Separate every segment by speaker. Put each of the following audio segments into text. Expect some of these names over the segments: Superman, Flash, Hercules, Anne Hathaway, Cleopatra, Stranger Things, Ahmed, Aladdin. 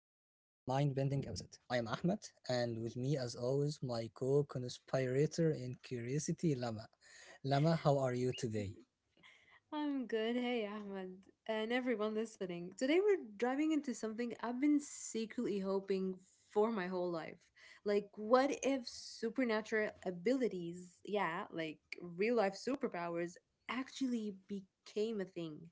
Speaker 1: bending episode. I am Ahmed, and with me, as always, my co conspirator in curiosity, Lama. Lama, how are you today?
Speaker 2: I'm good. Hey, Ahmed, and everyone listening. Today we're diving into something I've been secretly hoping for my whole life. Like, what if supernatural abilities, yeah, like real life superpowers, actually became a thing?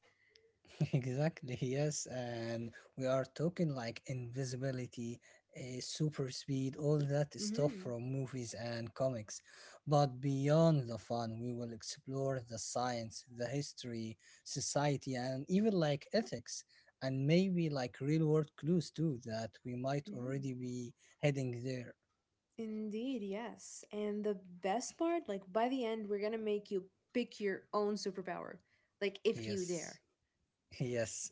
Speaker 1: Exactly, yes, and we are talking like invisibility, super speed, all that stuff
Speaker 2: Mm-hmm.
Speaker 1: from movies and comics. But beyond the fun, we will explore the science, the history, society, and even like ethics, and maybe like real world clues too that we might
Speaker 2: Mm-hmm.
Speaker 1: already be heading there.
Speaker 2: Indeed, yes. And the best part, like by the end, we're gonna make you pick your own superpower. Like if you
Speaker 1: Yes.
Speaker 2: dare.
Speaker 1: Yes.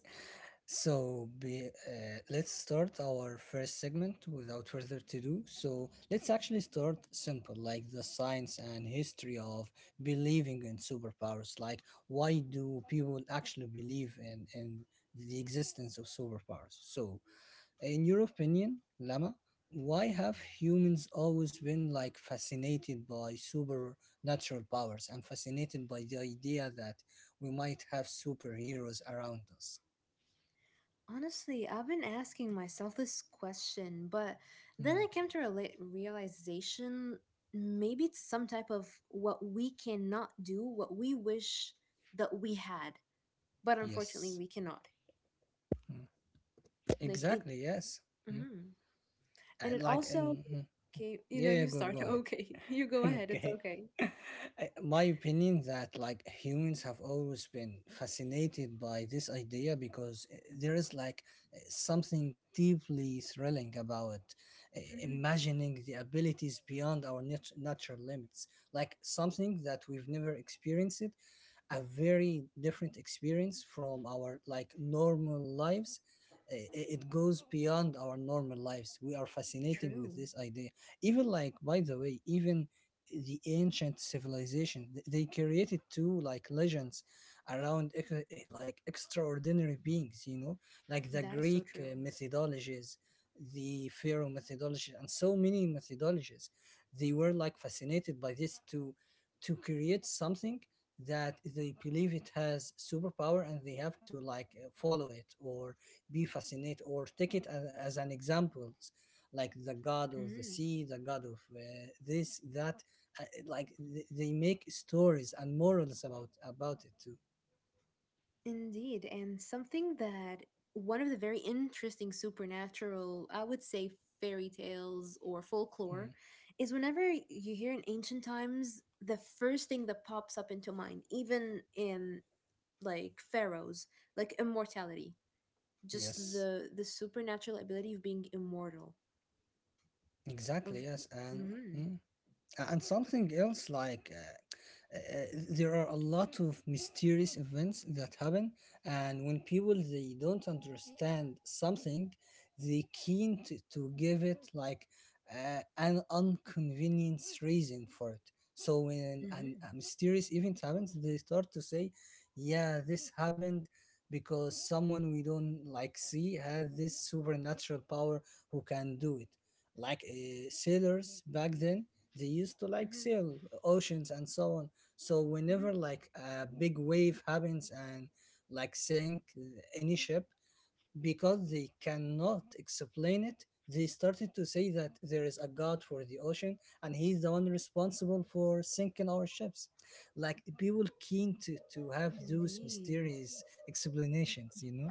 Speaker 1: Let's start our first segment without further ado. So let's actually start simple, like the science and history of believing in superpowers. Like, why do people actually believe in the existence of superpowers? So, in your opinion, Lama, why have humans always been like fascinated by supernatural powers, and fascinated by the idea that we might have superheroes around us?
Speaker 2: Honestly, I've been asking myself this question, but then I
Speaker 1: Hmm.
Speaker 2: came to a realization maybe it's some type of what we cannot do, what we wish that we had, but unfortunately
Speaker 1: Yes.
Speaker 2: we cannot.
Speaker 1: Mm.
Speaker 2: Like it,
Speaker 1: Exactly. Yes. Mm.
Speaker 2: mhm. And it also,
Speaker 1: Mhm.
Speaker 2: okay, you
Speaker 1: Yeah,
Speaker 2: know,
Speaker 1: yeah,
Speaker 2: you
Speaker 1: go,
Speaker 2: start,
Speaker 1: go ahead.
Speaker 2: okay, you go ahead, it's
Speaker 1: Okay.
Speaker 2: okay.
Speaker 1: My opinion that like humans have always been fascinated by this idea, because there is like something deeply thrilling about
Speaker 2: Hmm.
Speaker 1: imagining the abilities beyond our natural limits, like something that we've never experienced, a very different experience from our like normal lives. It goes beyond our normal lives. We are fascinating with
Speaker 2: True.
Speaker 1: this idea, even, like, by the way, even the ancient civilization, they created two like legends around like extraordinary beings, like the
Speaker 2: That is so
Speaker 1: Greek
Speaker 2: true.
Speaker 1: methodologies, the pharaoh methodology, and so many methodologies. They were like fascinated by this to create something that they believe it has superpower, and they have to like follow it, or be fascinated, or take it as an example, like the god of the
Speaker 2: Mhm.
Speaker 1: sea, the god of this, that, like, they make stories and morals about it too.
Speaker 2: Indeed, and something that one of the very interesting supernatural, I would say fairy tales or folklore,
Speaker 1: Mhm.
Speaker 2: is whenever you hear in ancient times, the first thing that pops up into mind, even in like pharaohs, like immortality, just
Speaker 1: Yes,
Speaker 2: the supernatural ability of being immortal.
Speaker 1: exactly,
Speaker 2: Of
Speaker 1: yes, and
Speaker 2: Mm-hmm,
Speaker 1: mhm. And something else, like, there are a lot of mysterious events that happen, and when people they don't understand something, they keen to give it like an inconvenience reason for it. So when an,
Speaker 2: mm-hmm,
Speaker 1: a mysterious event happens, they start to say, "Yeah, this happened." Because someone we don't like see had this supernatural power who can do it. Like sailors back then, they used to like
Speaker 2: mm-hmm,
Speaker 1: sail oceans and so on, so whenever
Speaker 2: mm-hmm.
Speaker 1: like a big wave happens and like sink any ship, because they cannot explain it, they started to say that there is a god for the ocean, and he's the one responsible for sinking our ships. Like, people keen to have those
Speaker 2: Indeed.
Speaker 1: mysterious explanations.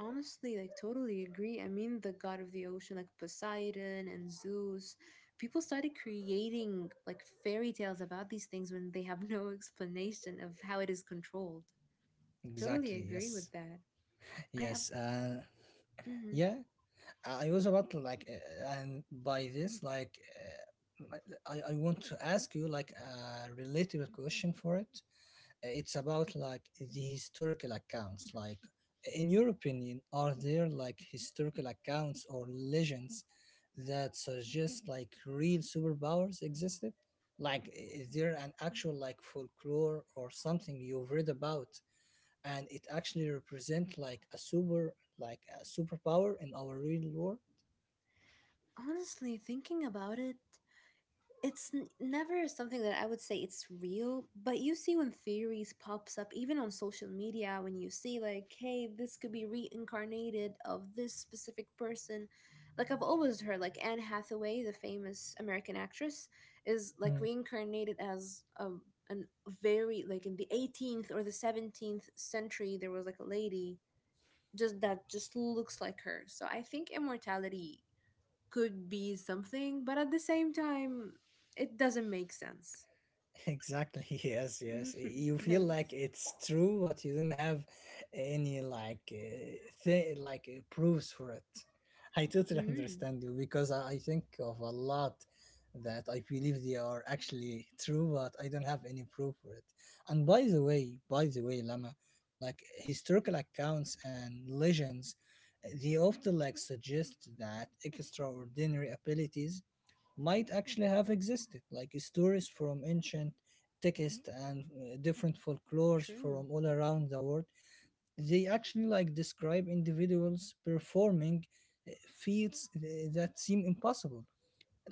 Speaker 2: Honestly, like totally agree. I mean, the god of the ocean, like Poseidon and Zeus, people started creating like fairy tales about these things when they have no explanation of how it is controlled. Totally
Speaker 1: Exactly,
Speaker 2: agree
Speaker 1: yes,
Speaker 2: with that. I am
Speaker 1: yes,
Speaker 2: Mhm.
Speaker 1: yeah. I was about to, like, and by this, like, I want to ask you like a relatable question for it. It's about like the historical accounts. Like, in your opinion, are there like historical accounts or legends that suggest like real superpowers existed? Like, is there an actual like folklore or something you've read about, and it actually represent like a super like a superpower in our real world?
Speaker 2: Honestly thinking about it. It's never something that I would say it's real, but you see when theories pops up even on social media when you see like, hey, this could be reincarnated of this specific person. Like I've always heard like Anne Hathaway, the famous American actress, is like
Speaker 1: Mm.
Speaker 2: reincarnated as a an very like in the 18th or the 17th century there was like a lady just looks like her. So I think immortality could be something, but at the same time, it doesn't make sense.
Speaker 1: Exactly. Yes, yes.
Speaker 2: Mhm,
Speaker 1: You feel like
Speaker 2: yes.
Speaker 1: it's true, but you don't have any like proofs for it. I totally
Speaker 2: Mm,
Speaker 1: understand you, because I think of a lot that I believe they are actually true, but I don't have any proof for it. And by the way, Lama, like historical accounts and legends, they often like suggest that extraordinary abilities might actually have existed, like stories from ancient texts and different folklores
Speaker 2: true.
Speaker 1: from all around the world. They actually like describe individuals performing uh, feats that seem impossible.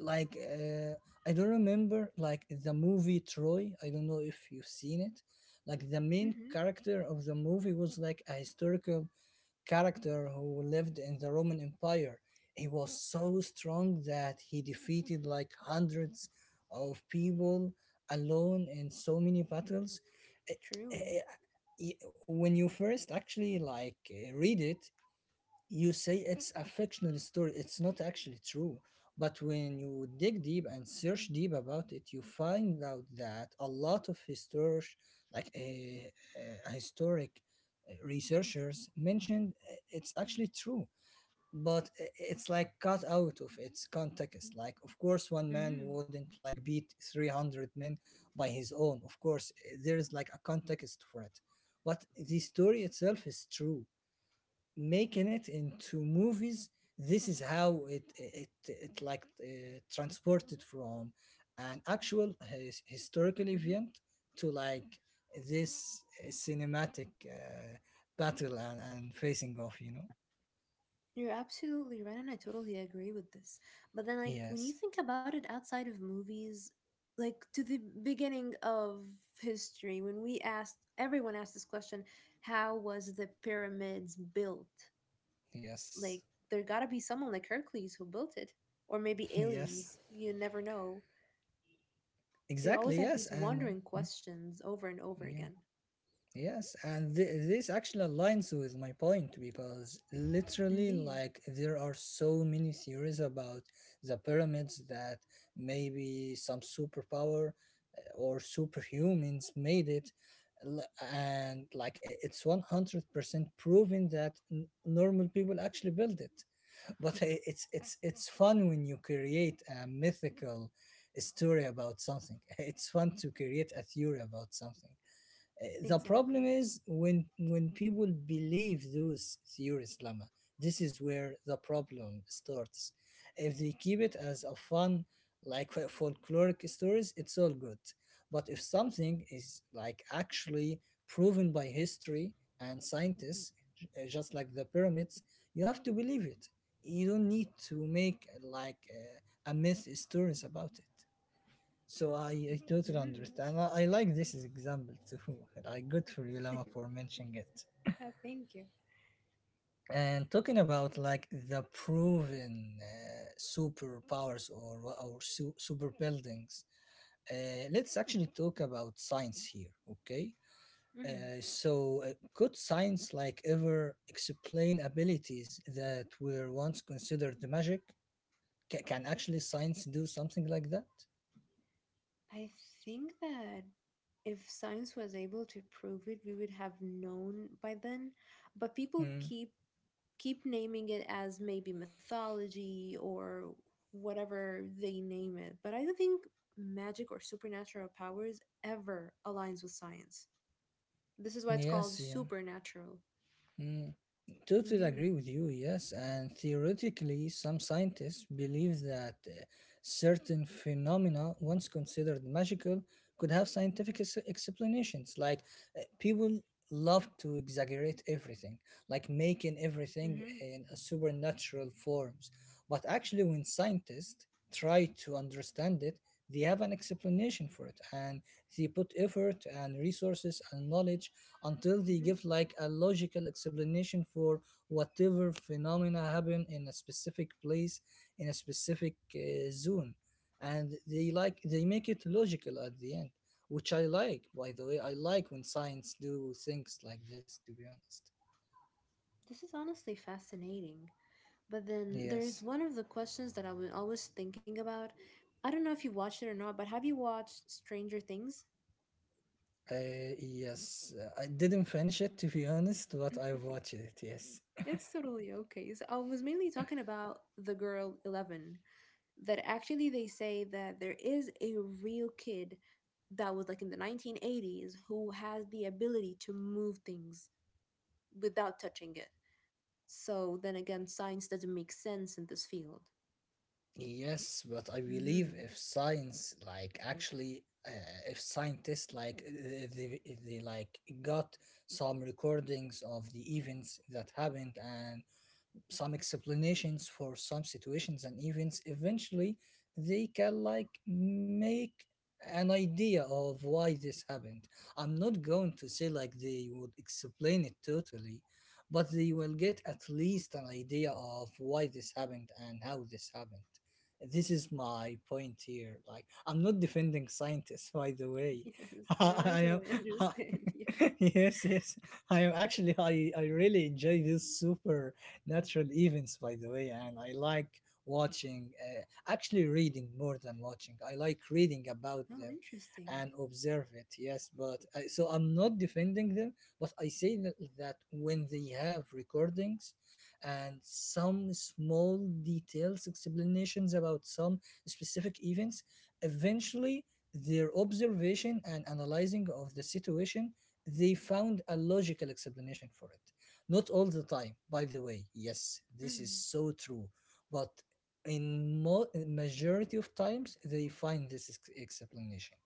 Speaker 1: Like, I don't remember like the movie Troy. I don't know if you've seen it. Like, the main
Speaker 2: Hmm.
Speaker 1: character of the movie was like a historical character who lived in the Roman Empire. He was so strong that he defeated like hundreds of people alone in so many battles. Eh, eh,
Speaker 2: True.
Speaker 1: eh, When you first actually like read it, you say it's a fictional story, it's not actually true. But when you dig deep and search deep about it, you find out that a lot of like a, historic researchers mentioned it's actually true, but it's like cut out of its context. Like, of course one man
Speaker 2: Hmm.
Speaker 1: wouldn't like beat 300 men by his own. Of course, there is like a context for it, but the story itself is true. Making it into movies, this is how it like transported from an actual historical
Speaker 2: Hmm.
Speaker 1: event to like this cinematic battle, and facing off.
Speaker 2: You're absolutely right, and I totally agree with this. But then, like, when you
Speaker 1: Yes,
Speaker 2: think about it outside of movies, like to the beginning of history, when everyone asked this question how was the pyramids built?
Speaker 1: yes.
Speaker 2: Like, there gotta be someone like Hercules who built it, or maybe
Speaker 1: Yes,
Speaker 2: aliens. You never know. So you
Speaker 1: exactly,
Speaker 2: always have
Speaker 1: yes,
Speaker 2: these
Speaker 1: and
Speaker 2: wandering
Speaker 1: mm,
Speaker 2: questions over and over
Speaker 1: yeah.
Speaker 2: again.
Speaker 1: Yes, and this actually aligns with my point, because literally,
Speaker 2: Indeed,
Speaker 1: like, there are so many theories about the pyramids that maybe some superpower or superhumans made it. l- And, like, it's 100% proven that normal people actually built it. But it's fun when you create a mythical story about something, it's fun to create a theory about something. The problem
Speaker 2: exactly.
Speaker 1: is when people believe those theories, Lama. This is where the problem starts. If they keep it as a fun, like, folkloric stories, it's all good. But if something is like actually proven by history and scientists, just like the pyramids, you have to believe it. You don't need to make like a myth stories about it. So I totally
Speaker 2: Hmm.
Speaker 1: understand. I like this as example too. Like, good for you, Lama, for mentioning it.
Speaker 2: Thank you.
Speaker 1: And talking about like the proven superpowers, or super buildings, let's actually talk about science here, okay?
Speaker 2: Mhm.
Speaker 1: So could science like ever explain abilities that were once considered magic? Ca can actually science do something like that?
Speaker 2: I think that if science was able to prove it, we would have known by then. But people
Speaker 1: Hmm.
Speaker 2: keep naming it as maybe mythology or whatever they name it. But I don't think magic or supernatural powers ever aligns with science. This is why it's called
Speaker 1: Yes, yeah.
Speaker 2: supernatural.
Speaker 1: Hmm. Totally
Speaker 2: Mm-hmm.
Speaker 1: agree with you, yes. And theoretically, some scientists believe that certain phenomena, once considered magical, could have scientific explanations. Like, people love to exaggerate everything, like making everything
Speaker 2: Mm-hmm.
Speaker 1: in a supernatural forms. But actually, when scientists try to understand it, they have an explanation for it, and they put effort and resources and knowledge until they
Speaker 2: Mhm.
Speaker 1: give like a logical explanation for whatever phenomena happen in a specific place, in a specific zone, and they like they make it logical at the end, which I like, by the way. I like when science do things like this, to be honest.
Speaker 2: This is honestly fascinating. But then
Speaker 1: Yes.
Speaker 2: there's one of the questions that I was always thinking about. I don't know if you watched it or not, but have you watched Stranger Things?
Speaker 1: Yes, I didn't finish it, to be honest, but I've watched it, yes.
Speaker 2: It's totally okay. So I was mainly talking about the girl Eleven, that actually they say that there is a real kid that was like in the 1980s who has the ability to move things without touching it. So then again, science doesn't make sense in this field.
Speaker 1: Yes, but I believe
Speaker 2: Hmm.
Speaker 1: if science, like, actually, if scientists like they like got some recordings of the events that happened, and some explanations for some situations and events, eventually they can like make an idea of why this happened. I'm not going to say like they would explain it totally, but they will get at least an idea of why this happened and how this happened. This is my point here, like, I'm not defending scientists by the way.
Speaker 2: Yes, now I
Speaker 1: I
Speaker 2: totally
Speaker 1: am.
Speaker 2: understand. Yeah.
Speaker 1: Yes, yes. I am actually, I really enjoy these supernatural events, by the way, and I like watching actually reading more than watching. I like reading about
Speaker 2: Oh,
Speaker 1: them,
Speaker 2: interesting.
Speaker 1: and observe it. Yes, but so I'm not defending them, but I say that when they have recordings and some small details explanations about some specific events, eventually their observation and analyzing of the situation, they found a logical explanation for it. Not all the time, by the way. Yes, this is
Speaker 2: Mhm.
Speaker 1: so true. But in majority of times, they find this explanation.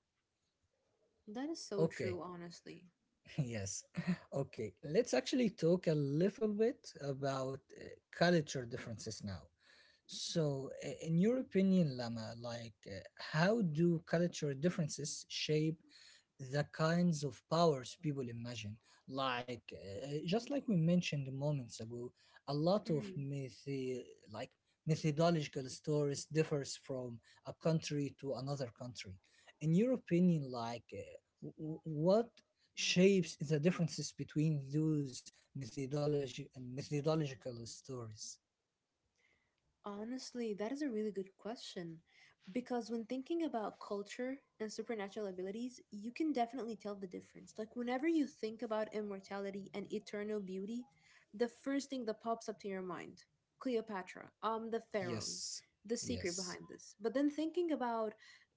Speaker 2: That is so
Speaker 1: Okay.
Speaker 2: true, honestly.
Speaker 1: Yes. Okay, let's actually talk a little bit about culture differences now. So, in your opinion, Lama, like, how do culture differences shape the kinds of powers people imagine, like, just like we mentioned moments ago, a lot of
Speaker 2: Mhm.
Speaker 1: myth, like methodological stories, differs from a country to another country. In your opinion, like, what shapes the differences between those methodology methodological stories?
Speaker 2: Honestly, that is a really good question. Because when thinking about culture and supernatural abilities, you can definitely tell the difference. Like, whenever you think about immortality and eternal beauty, the first thing that pops up to your mind Cleopatra, the pharaohs,
Speaker 1: Yes,
Speaker 2: the secret
Speaker 1: yes,
Speaker 2: behind this. But then thinking about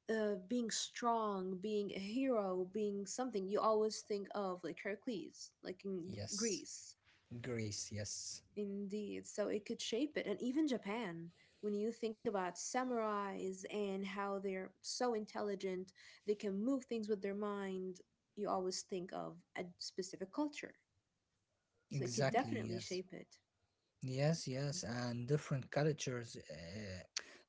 Speaker 2: being strong, being a hero, being something, you always think of like Hercules, like in
Speaker 1: yes,
Speaker 2: Greece.
Speaker 1: grace, yes,
Speaker 2: Indeed. So it could shape it. And even Japan, when you think about samurais and how they're so intelligent, they can move things with their mind, you always think of a specific culture. So it could
Speaker 1: exactly,
Speaker 2: definitely
Speaker 1: yes.
Speaker 2: shape it.
Speaker 1: Yes, yes, and different cultures,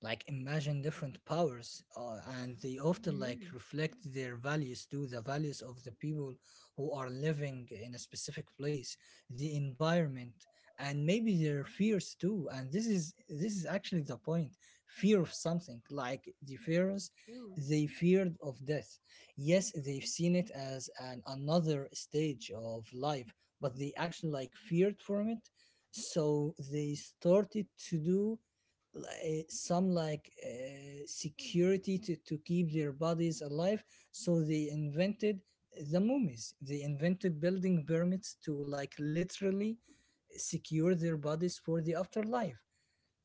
Speaker 1: like imagine different powers, and they often like
Speaker 2: Hmm.
Speaker 1: reflect their values to the values of the people who are living in a specific place, the environment, and maybe their fears too. And this is actually the point: fear of something, like the pharaohs,
Speaker 2: True.
Speaker 1: they feared of death. Yes, they've seen it as an another stage of life, but they actually like feared from it, so they started to do some like security to keep their bodies alive. So they invented the mummies, they invented building pyramids to like literally secure their bodies for the afterlife.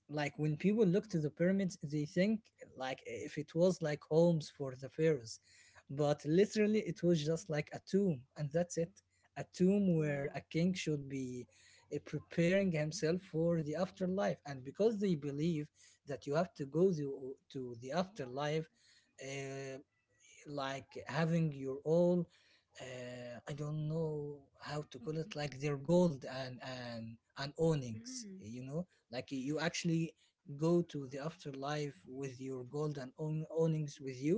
Speaker 1: Like, when people look to the pyramids, they think like if it was like homes for the pharaohs, but literally it was just like a tomb, and that's it. A tomb where
Speaker 2: Wow.
Speaker 1: a king should be preparing himself for the afterlife. And because they believe that you have to go to the afterlife, uh, like having your own, I don't know how to call it, like their gold and awnings,
Speaker 2: Hmm.
Speaker 1: like you actually go to the afterlife with your gold and own awnings with you.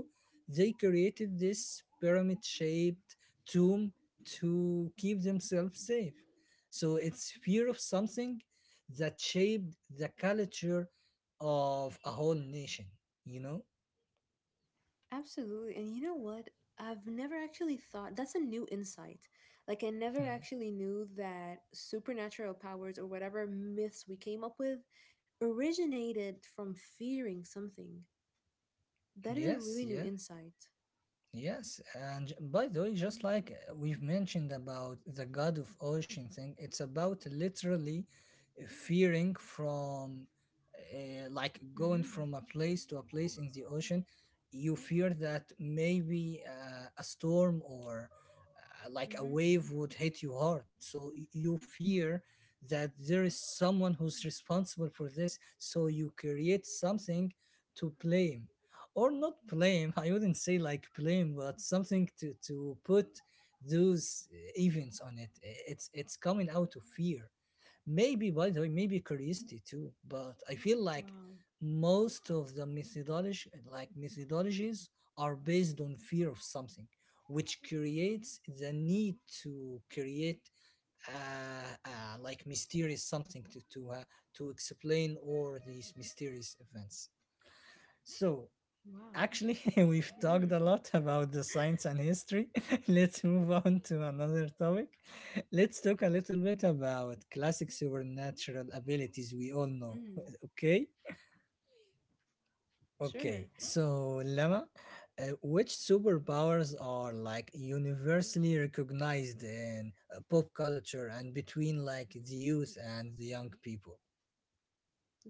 Speaker 1: They created this pyramid shaped tomb to keep themselves safe. So it's fear of something that shaped the culture of a whole nation you know
Speaker 2: Absolutely. And you know what? I've never actually thought that's a new insight. Like, I never
Speaker 1: Hmm.
Speaker 2: actually knew that supernatural powers or whatever myths we came up with originated from fearing something. That is a
Speaker 1: Yes,
Speaker 2: really new
Speaker 1: yes.
Speaker 2: insight.
Speaker 1: Yes, and by the way, just like we've mentioned about the god of ocean thing. It's about literally fearing from, like
Speaker 2: Mm
Speaker 1: going
Speaker 2: hmm.
Speaker 1: from a place to a place in the ocean. You fear that maybe a storm or like
Speaker 2: Mm
Speaker 1: a
Speaker 2: hmm.
Speaker 1: wave would hit you hard. So you fear that there is someone who's responsible for this. So you create something to blame, or not blame, I wouldn't say like blame, but something to put those events on it. It's coming out of fear. Maybe, by the way, maybe curiosity too, but I feel like
Speaker 2: Wow.
Speaker 1: most of the methodology, like methodologies, are based on fear of something, which creates the need to create like mysterious something to to explain all these mysterious events. So,
Speaker 2: Wow.
Speaker 1: actually, we've talked a
Speaker 2: Mm
Speaker 1: lot about the science and history. Let's move on to another topic. Let's talk a little bit about classic supernatural abilities we all know.
Speaker 2: hmm. Mm.
Speaker 1: Okay?
Speaker 2: Sure.
Speaker 1: Okay. So, Lama, which superpowers are like universally recognized in pop culture and between like the youth and the young people?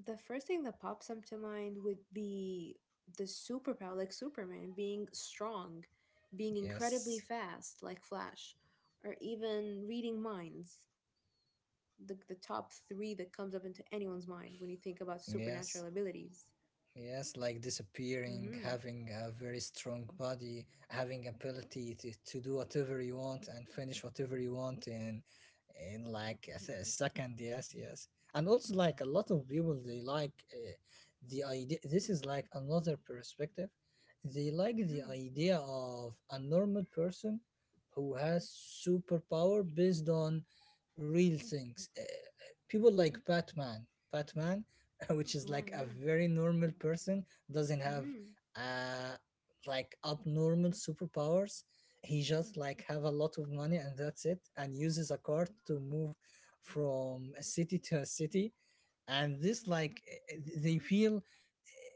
Speaker 2: The first thing that pops up to mind would be the superpower, like Superman, being strong, being incredibly
Speaker 1: Yes.
Speaker 2: fast, like Flash, or even reading minds. The top three that comes up into anyone's mind when you think about
Speaker 1: Yes.
Speaker 2: supernatural abilities.
Speaker 1: Yes, like disappearing,
Speaker 2: Mm-hmm.
Speaker 1: having a very strong body, having ability to do whatever you want and finish whatever you want in like a second. Yes, yes. And also, like, a lot of people, they like the idea, this is like another perspective. They like the
Speaker 2: Mm-hmm.
Speaker 1: idea of a normal person who has superpower based on real things. People like Batman. Batman which is
Speaker 2: Wow,
Speaker 1: like a
Speaker 2: yeah.
Speaker 1: very normal person, doesn't have
Speaker 2: Mm-hmm.
Speaker 1: uh like abnormal superpowers. He just like have a lot of money, and that's it, and uses a car to move from a city to a city. And this like they feel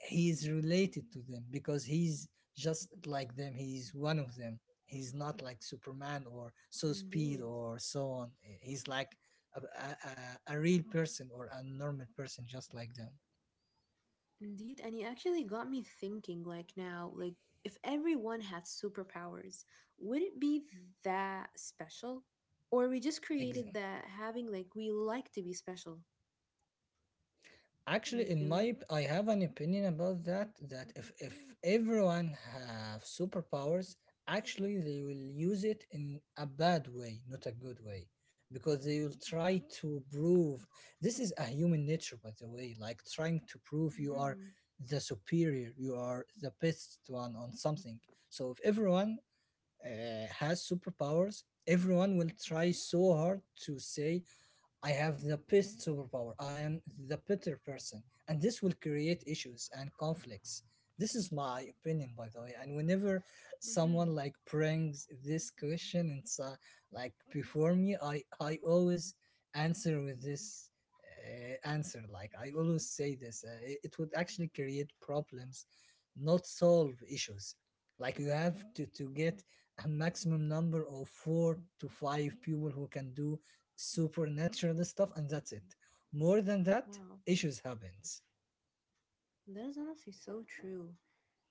Speaker 1: he's related to them because he's just like them, he's one of them. He's not like Superman or so speed
Speaker 2: Indeed.
Speaker 1: or so on. He's like a real person or a normal person just like them.
Speaker 2: Indeed, and it actually got me thinking like now, like if everyone had superpowers, would it be that special? Or we just
Speaker 1: Ex-
Speaker 2: created that having like we like to be special.
Speaker 1: Actually,
Speaker 2: You feeling me?
Speaker 1: I have an opinion about that. That if everyone have superpowers, actually they will use it in a bad way, not a good way, because they will try to prove, this is a human nature, by the way, like trying to prove you are
Speaker 2: Mm-hmm.
Speaker 1: the superior, you are the best one on something. So if everyone has superpowers, everyone will try so hard to say I have the best superpower. I am the better person. And this will create issues and conflicts. This is my opinion, by the way. And whenever
Speaker 2: Mm-hmm.
Speaker 1: someone like brings this question inside, like before me, I always answer with this answer. Like, I always say this, it would actually create problems, not solve issues. Like, you have to get a maximum number of four to five people who can do supernatural stuff, and that's it. More than that,
Speaker 2: Wow.
Speaker 1: issues happens.
Speaker 2: That is honestly so true.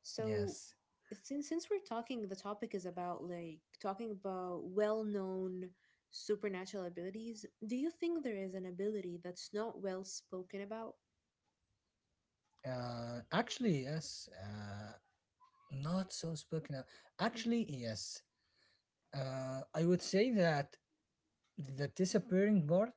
Speaker 2: So
Speaker 1: Yes.
Speaker 2: since we're talking the topic is about like talking about well known supernatural abilities, do you think there is an ability that's not well spoken about?
Speaker 1: Actually, yes. Not so spoken of. Actually, yes. I would say that the disappearing part,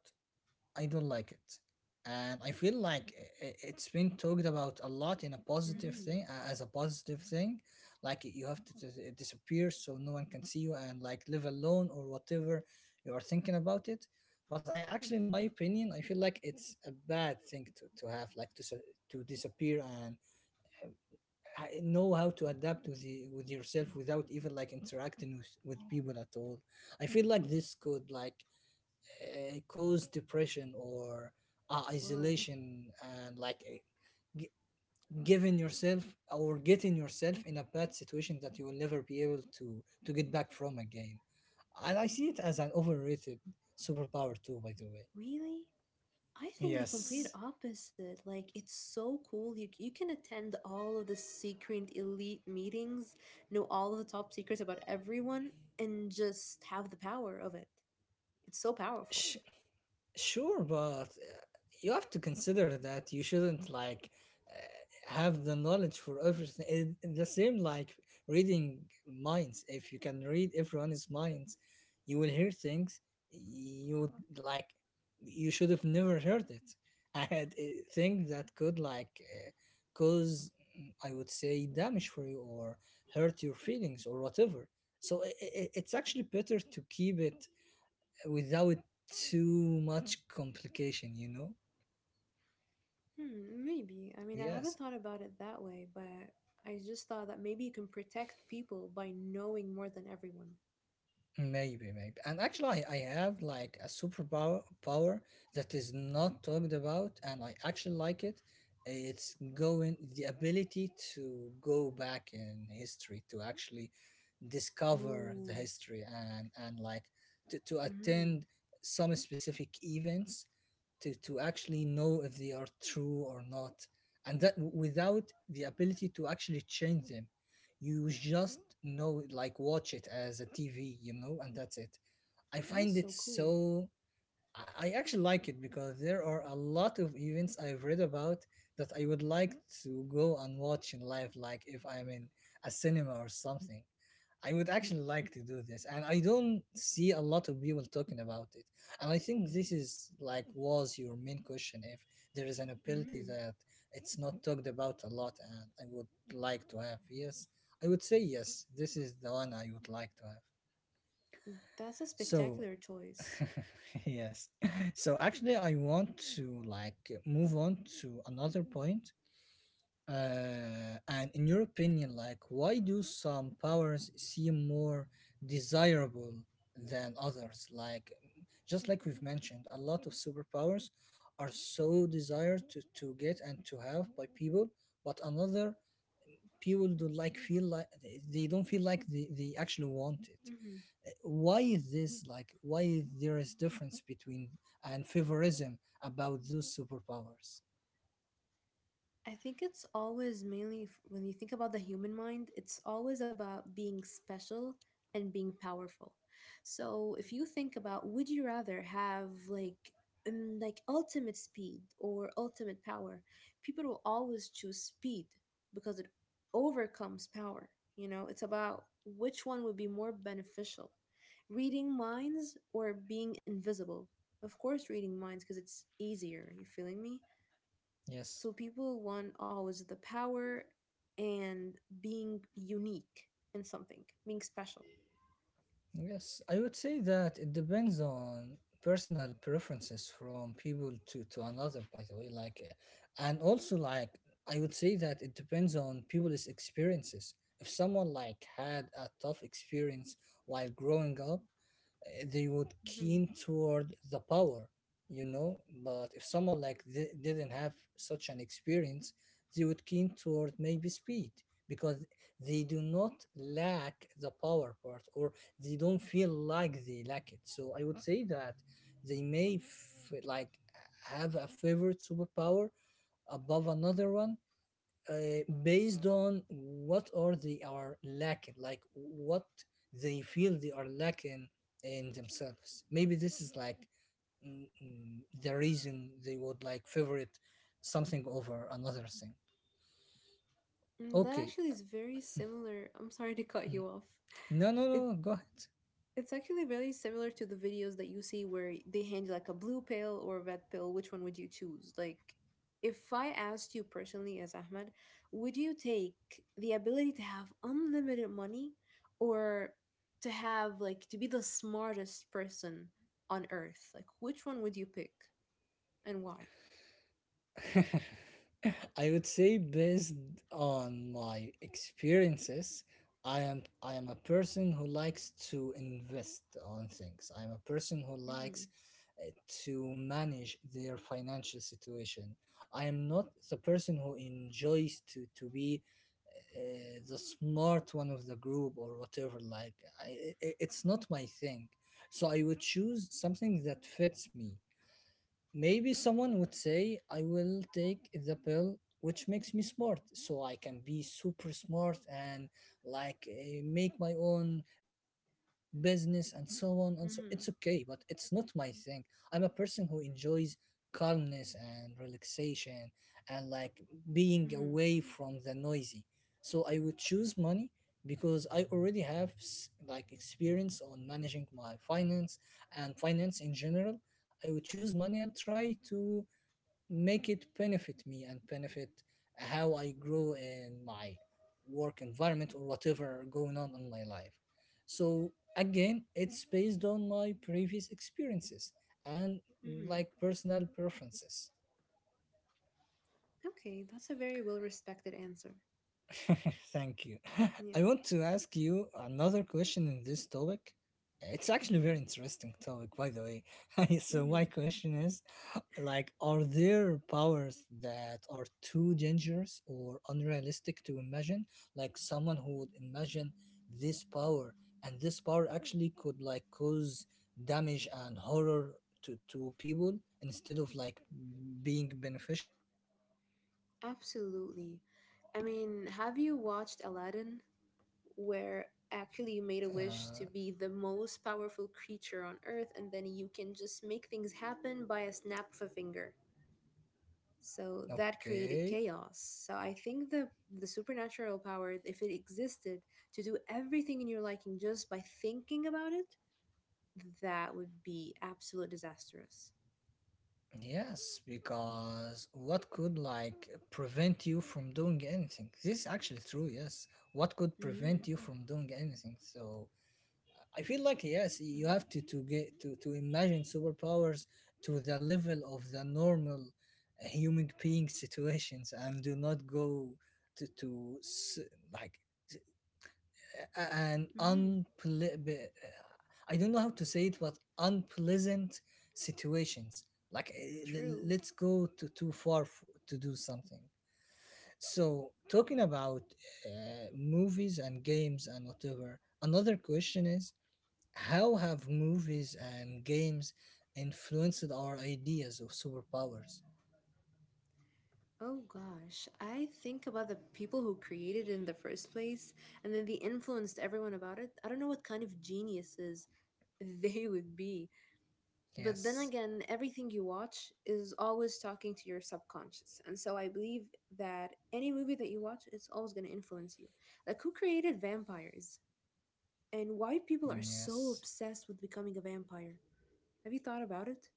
Speaker 1: I don't like it. And I feel like it's been talked about a lot in a positive
Speaker 2: Mm-hmm.
Speaker 1: thing, as a positive thing. Like, you have to disappear, so no one can see you and like live alone or whatever you are thinking about it. But I actually, in my opinion, I feel like it's a bad thing to have, like to disappear, and know how to adapt with with yourself without even like interacting with people at all. I feel like this could like cause depression or
Speaker 2: Whoa.
Speaker 1: isolation, and like, gi- giving yourself or getting yourself in a bad situation that you will never be able to get back from again. And I see it as an overrated superpower too, by the way.
Speaker 2: Really? I think the complete
Speaker 1: Yes.
Speaker 2: opposite. Like it's so cool. You can attend all of the secret elite meetings, know all of the top secrets about everyone, and just have the power of it. It's so powerful.
Speaker 1: Sure, but you have to consider that you shouldn't like have the knowledge for everything. The same like reading minds. If you can read everyone's minds, you will hear things you would, like you should have never heard it. And things that could like cause, I would say, damage for you or hurt your feelings or whatever. So it's actually better to keep it without too much complication, you know?
Speaker 2: Hmm, maybe. I mean, I
Speaker 1: Yes.
Speaker 2: haven't thought about it that way, but I just thought that maybe you can protect people by knowing more than everyone.
Speaker 1: Maybe, maybe. And actually, I have like a superpower power that is not talked about, and I actually like it. It's going the ability to go back in history to actually discover the
Speaker 2: Oh,
Speaker 1: history and like to
Speaker 2: mm-hmm.
Speaker 1: attend some specific events to actually know if they are true or not, and that without the ability to actually change them. You just know it, like watch it as a tv and that's it. i
Speaker 2: That is
Speaker 1: find it
Speaker 2: so cool.
Speaker 1: so i I actually like it, because there are a lot of events I've read about that I would like to go and watch in live, like if I'm in a cinema or something. I would actually like to do this, and I don't see a lot of people talking about it. And I think this is like was your main question, if there is an ability
Speaker 2: Mm-hmm.
Speaker 1: that it's not talked about a lot, and I would like to have. Yes, I would say yes, this is the one I would like to have.
Speaker 2: That's a
Speaker 1: So,
Speaker 2: spectacular choice.
Speaker 1: yes. So actually, I want to like move on to another point, and in your opinion, like, why do some powers seem more desirable than others? Like, just like we've mentioned, a lot of superpowers are so desired to get and to have by people, but another people don't like feel like they don't feel like they actually want it.
Speaker 2: Mm-hmm.
Speaker 1: Why is this like? Why is there is difference between and favorism about those superpowers?
Speaker 2: I think it's always mainly when you think about the human mind, it's always about being special and being powerful. So if you think about would you rather have like ultimate speed or ultimate power, people will always choose speed because it overcomes power. You know, it's about which one would be more beneficial. Reading minds or being invisible. Of course reading minds because it's easier, you feeling me?
Speaker 1: Yes.
Speaker 2: So people want always the power and being unique in something, being special.
Speaker 1: Yes, I would say that it depends on personal preferences from people to another, by the way. Like, and also, like, I would say that it depends on people's experiences. If someone like had a tough experience while growing up, they would
Speaker 2: Hmm,
Speaker 1: keen toward the power, but if someone like didn't have such an experience, they would keen toward maybe speed, because they do not lack the power part, or they don't feel like they lack it. So I would say that they may like have a favorite superpower above another one, based on what are they are lacking, like what they feel they are lacking in themselves. Maybe this is like, the reason they would like favorite something over another thing.
Speaker 2: that
Speaker 1: Okay.
Speaker 2: actually is very similar. I'm sorry to cut
Speaker 1: Mm.
Speaker 2: you off.
Speaker 1: No, no,
Speaker 2: It's
Speaker 1: no, go ahead.
Speaker 2: It's actually very similar to the videos that you see where they hand you like a blue pill or a red pill. Which one would you choose? Like, if I asked you personally as Ahmed, would you take the ability to have unlimited money or to have like to be the smartest person on earth? Like, which one would you pick and why?
Speaker 1: I would say, based on my experiences, I am a person who likes to invest on things. I am a person who
Speaker 2: Mm-hmm.
Speaker 1: likes uh, to manage their financial situation. I am not the person who enjoys to be the smart one of the group or whatever. Like, it's not my thing. So I would choose something that fits me. Maybe someone would say, I will take the pill which makes me smart, so I can be super smart and like make my own business and so on and so, it's okay, but
Speaker 2: Mm-hmm.
Speaker 1: it's not my thing. I'm a person who enjoys calmness and relaxation, and like being
Speaker 2: Mm-hmm.
Speaker 1: away from the noisy. So I would choose money, because I already have like experience on managing my finance and finance in general. I would choose money and try to make it benefit me and benefit how I grow in my work environment or whatever going on in my life. So again, it's based on my previous experiences and
Speaker 2: Mm-hmm.
Speaker 1: like personal preferences.
Speaker 2: Okay, that's a very well respected answer.
Speaker 1: Thank you.
Speaker 2: Yeah.
Speaker 1: I want to ask you another question in this topic. It's actually a very interesting topic, by the way. So my
Speaker 2: Mm-hmm.
Speaker 1: question is, like, are there powers that are too dangerous or unrealistic to imagine? Like, someone who would imagine this power, and this power actually could like cause damage and horror to people instead of like being beneficial?
Speaker 2: Absolutely. I mean, have you watched Aladdin, where actually you made a
Speaker 1: Uh,
Speaker 2: wish to be the most powerful creature on earth, and then you can just make things happen by a snap of a finger? So that created
Speaker 1: okay.
Speaker 2: chaos. So I think the supernatural power, if it existed, to do everything in your liking just by thinking about it, that would be absolute disastrous.
Speaker 1: Yes, because what could like prevent you from doing anything? This is actually true, yes. What could
Speaker 2: Mm-hmm.
Speaker 1: prevent you from doing anything? So I feel like yes, you
Speaker 2: Mm-hmm.
Speaker 1: have to get to imagine superpowers to the level of the normal human being situations, and do not go to s- like s- a- an
Speaker 2: Mm-hmm.
Speaker 1: unple- be- I don't know how to say it, but unpleasant situations. Like
Speaker 2: True.
Speaker 1: let's go to too to do something. So talking about movies and games and whatever, another question is how have movies and games influenced our ideas of superpowers?
Speaker 2: Oh gosh, I think about the people who created it in the first place and then they influenced everyone about it. I don't know what kind of geniuses they would be. But then
Speaker 1: Yes,
Speaker 2: again, everything you watch is always talking to your subconscious. And so I believe that any movie that you watch, it's always going to influence you. Like, who created vampires and why people are so
Speaker 1: yes.
Speaker 2: obsessed with becoming a vampire? Have you thought about it?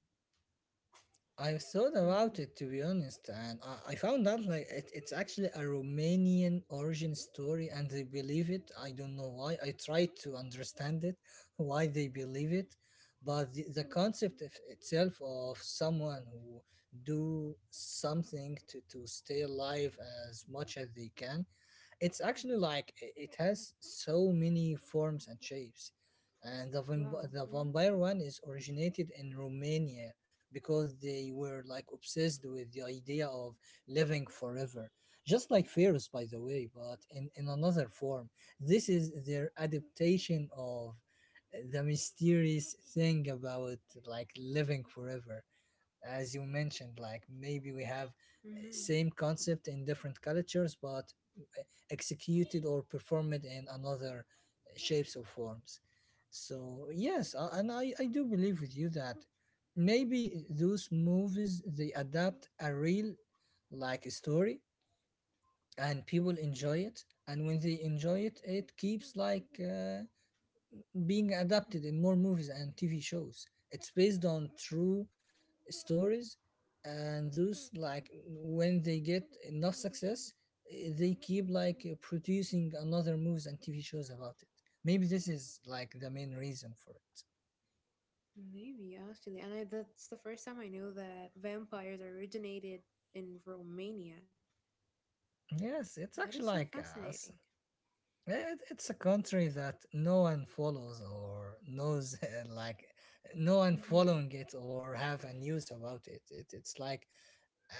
Speaker 1: I thought
Speaker 2: Mm-hmm.
Speaker 1: about it to be honest, and I found out like it's actually a Romanian origin story, and they believe it. I don't know why. I tried to understand it, why they believe it, but the concept of itself of someone who do something to stay alive as much as they can. It's actually like it has so many forms and shapes. And
Speaker 2: Wow.
Speaker 1: the
Speaker 2: Mm-hmm.
Speaker 1: vampire one is originated in Romania because they were like obsessed with the idea of living forever. Just like Pharaohs, by the way, but in another form. This is their adaptation of the mysterious thing about like living forever, as you mentioned. Like, maybe we have
Speaker 2: Mm-hmm.
Speaker 1: same concept in different cultures, but eh, executed or performed in another shapes or forms. So yes, and I do believe with you that maybe those movies they adapt a real, like, a story, and people enjoy it, and when they enjoy it it keeps like being adapted in more movies and tv shows. It's based on true stories, and those, like, when they get enough success, they keep like producing another movies and tv shows about it. Maybe this is like the main reason for it.
Speaker 2: Maybe, actually. And that's the first time I know that vampires originated in Romania.
Speaker 1: Yes,
Speaker 2: That
Speaker 1: it's
Speaker 2: is so
Speaker 1: actually like
Speaker 2: fascinating.
Speaker 1: us. It's a country that no one follows or knows, like no one
Speaker 2: Mm-hmm.
Speaker 1: following it or have a news about it. It's like,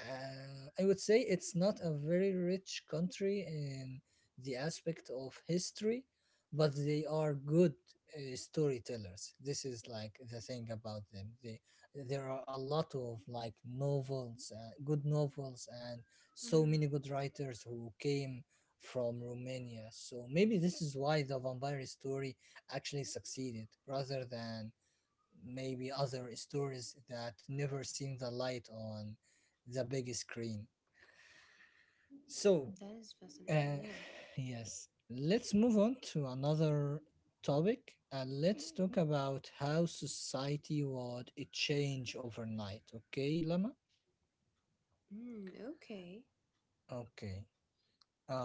Speaker 1: I would say, it's not a very rich country in the aspect of history, but they are good storytellers. This is like the thing about them. There are a lot of like novels, good novels, and so
Speaker 2: Mm-hmm.
Speaker 1: many good writers who came from Romania. So maybe this is why the vampire story actually succeeded rather than maybe other stories that never seen the light on the big screen. So,
Speaker 2: That is fascinating,
Speaker 1: uh,
Speaker 2: yeah.
Speaker 1: yes, let's move on to another topic and let's talk about how society would change overnight. Okay, Lama?
Speaker 2: Mm, okay.
Speaker 1: Okay.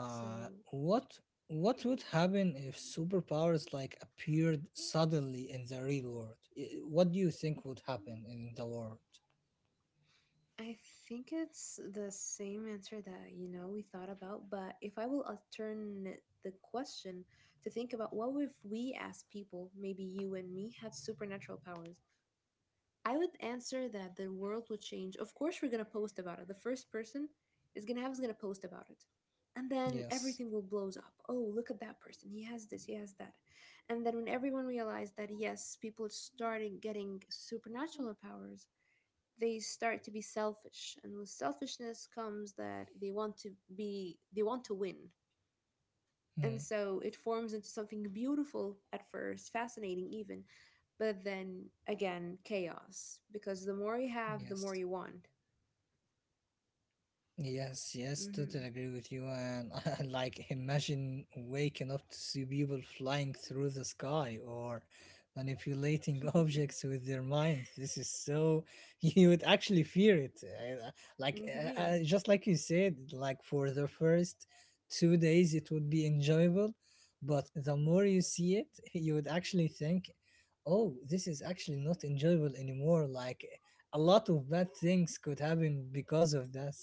Speaker 2: So
Speaker 1: what what would happen if superpowers like appeared suddenly in the real world? What do you think would happen in the world?
Speaker 2: I think it's the same answer that, we thought about, but if I will alternate the question to think about what if we as people, maybe you and me, had supernatural powers? I would answer that the world would change. Of course, we're gonna post about it. The first person is gonna post about it, and then
Speaker 1: Yes.
Speaker 2: everything will blows up. Oh, look at that person. He has this. He has that. And then when everyone realized that yes, people started getting supernatural powers, they start to be selfish, and with selfishness comes that they want to win. And
Speaker 1: Hmm.
Speaker 2: so it forms into something beautiful at first, fascinating even, but then again, chaos. Because the more you have, the more
Speaker 1: Yes.
Speaker 2: you want.
Speaker 1: Yes, yes, totally
Speaker 2: Hmm.
Speaker 1: agree with you. And like, imagine waking up to see people flying through the sky or manipulating
Speaker 2: Yeah,
Speaker 1: objects with their minds. This is so, you would actually fear it. Like,
Speaker 2: indeed.
Speaker 1: just like you said, like for the first 2 days, it would be enjoyable. But the more you see it, you would actually think, oh, this is actually not enjoyable anymore. Like, a lot of bad things could happen because of that.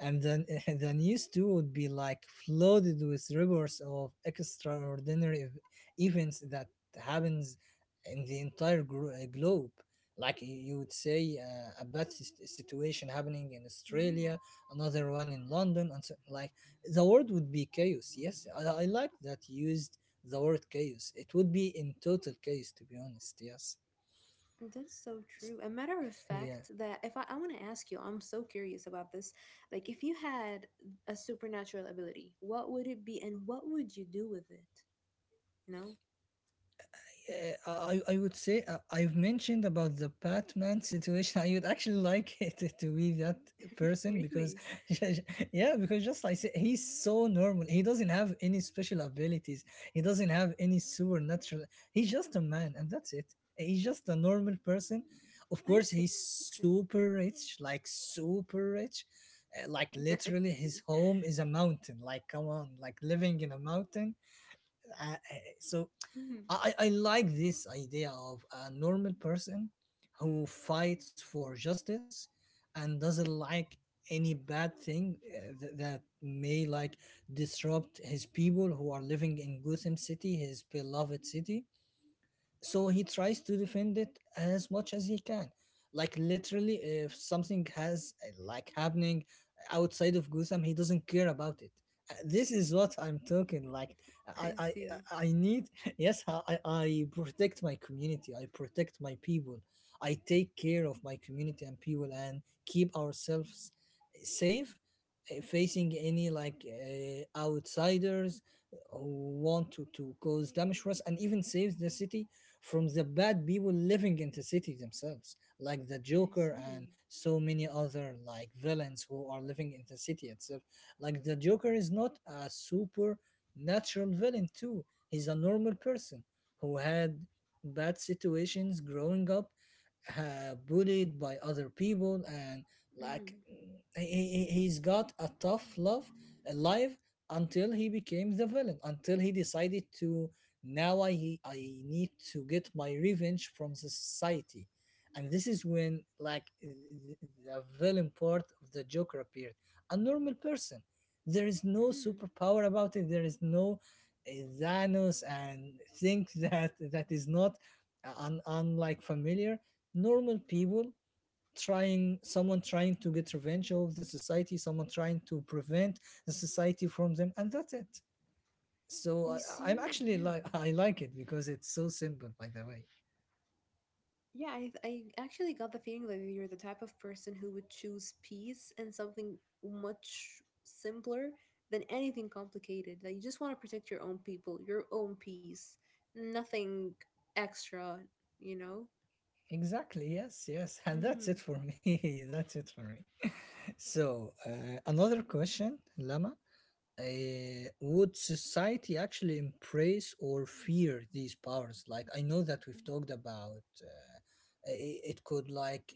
Speaker 1: And then the news too would be like flooded with reports of extraordinary events that happens in the entire globe. Like you would say a bad situation happening in
Speaker 2: Hmm.
Speaker 1: Australia, another one in London, and so, like, the word would be chaos. Yes, I like that you used the word chaos. It would be in total chaos, to be honest. Yes.
Speaker 2: That's so true. A matter of
Speaker 1: Yeah.
Speaker 2: fact, that if I, I want to ask you, I'm so curious about this. Like, if you had a supernatural ability, what would it be and what would you do with it? You know?
Speaker 1: Uh, I would say I've mentioned about the Batman situation. I would actually like it to be that person because,
Speaker 2: Really?
Speaker 1: yeah, because just like I said, he's so normal. He doesn't have any special abilities. He doesn't have any supernatural. He's just a man, and that's it. He's just a normal person. Of
Speaker 2: I
Speaker 1: course,
Speaker 2: see.
Speaker 1: he's
Speaker 2: Okay.
Speaker 1: super rich, like super rich. Like
Speaker 2: I
Speaker 1: literally, his
Speaker 2: see.
Speaker 1: home is a mountain. Like, come on, like living in a mountain. Uh, uh, so
Speaker 2: Mhm.
Speaker 1: I like this idea of a normal person who fights for justice and doesn't like any bad thing that may like disrupt his people who are living in Gotham City, his beloved city, so he tries to defend it as much as he can. Like literally, if something has like happening outside of Gotham, he doesn't care about it. This is what I'm talking, like, I
Speaker 2: I
Speaker 1: I I
Speaker 2: see.
Speaker 1: I need. Yes, I protect my community, I protect my people, I take care of my community and people, and keep ourselves safe, facing any like outsiders who want to cause damage for us, and even saves the city from the bad people living in the city themselves, like the
Speaker 2: I
Speaker 1: joker and
Speaker 2: see.
Speaker 1: so many other like villains who are living in the city itself. Like the joker is not a super natural villain too. He's a normal person who had bad situations growing up, bullied by other people, and like
Speaker 2: Mm.
Speaker 1: has got a tough love life until he became the villain, until he decided to, now I need to get my revenge from the society. And this is when like the villain part of the joker appeared. A normal person. There is no
Speaker 2: Hmm.
Speaker 1: superpower about it. There is no uh, Thanos and, think, that that is not unlike familiar, normal people trying, someone trying to get revenge of the society, someone trying to prevent the society from them, and that's it. So
Speaker 2: You
Speaker 1: I'm
Speaker 2: seem,
Speaker 1: actually
Speaker 2: yeah.
Speaker 1: like, I like it because it's so simple, by the way.
Speaker 2: Yeah, I actually got the feeling that you're the type of person who would choose peace and something much simpler than anything complicated. That you just want to protect your own people, your own peace, nothing extra, you know?
Speaker 1: Exactly, yes, yes, and that's
Speaker 2: Mm-hmm.
Speaker 1: it for me. That's it for me. So another question, Lama. Uh, would society actually embrace or fear these powers? Like, I know that we've talked about, it could like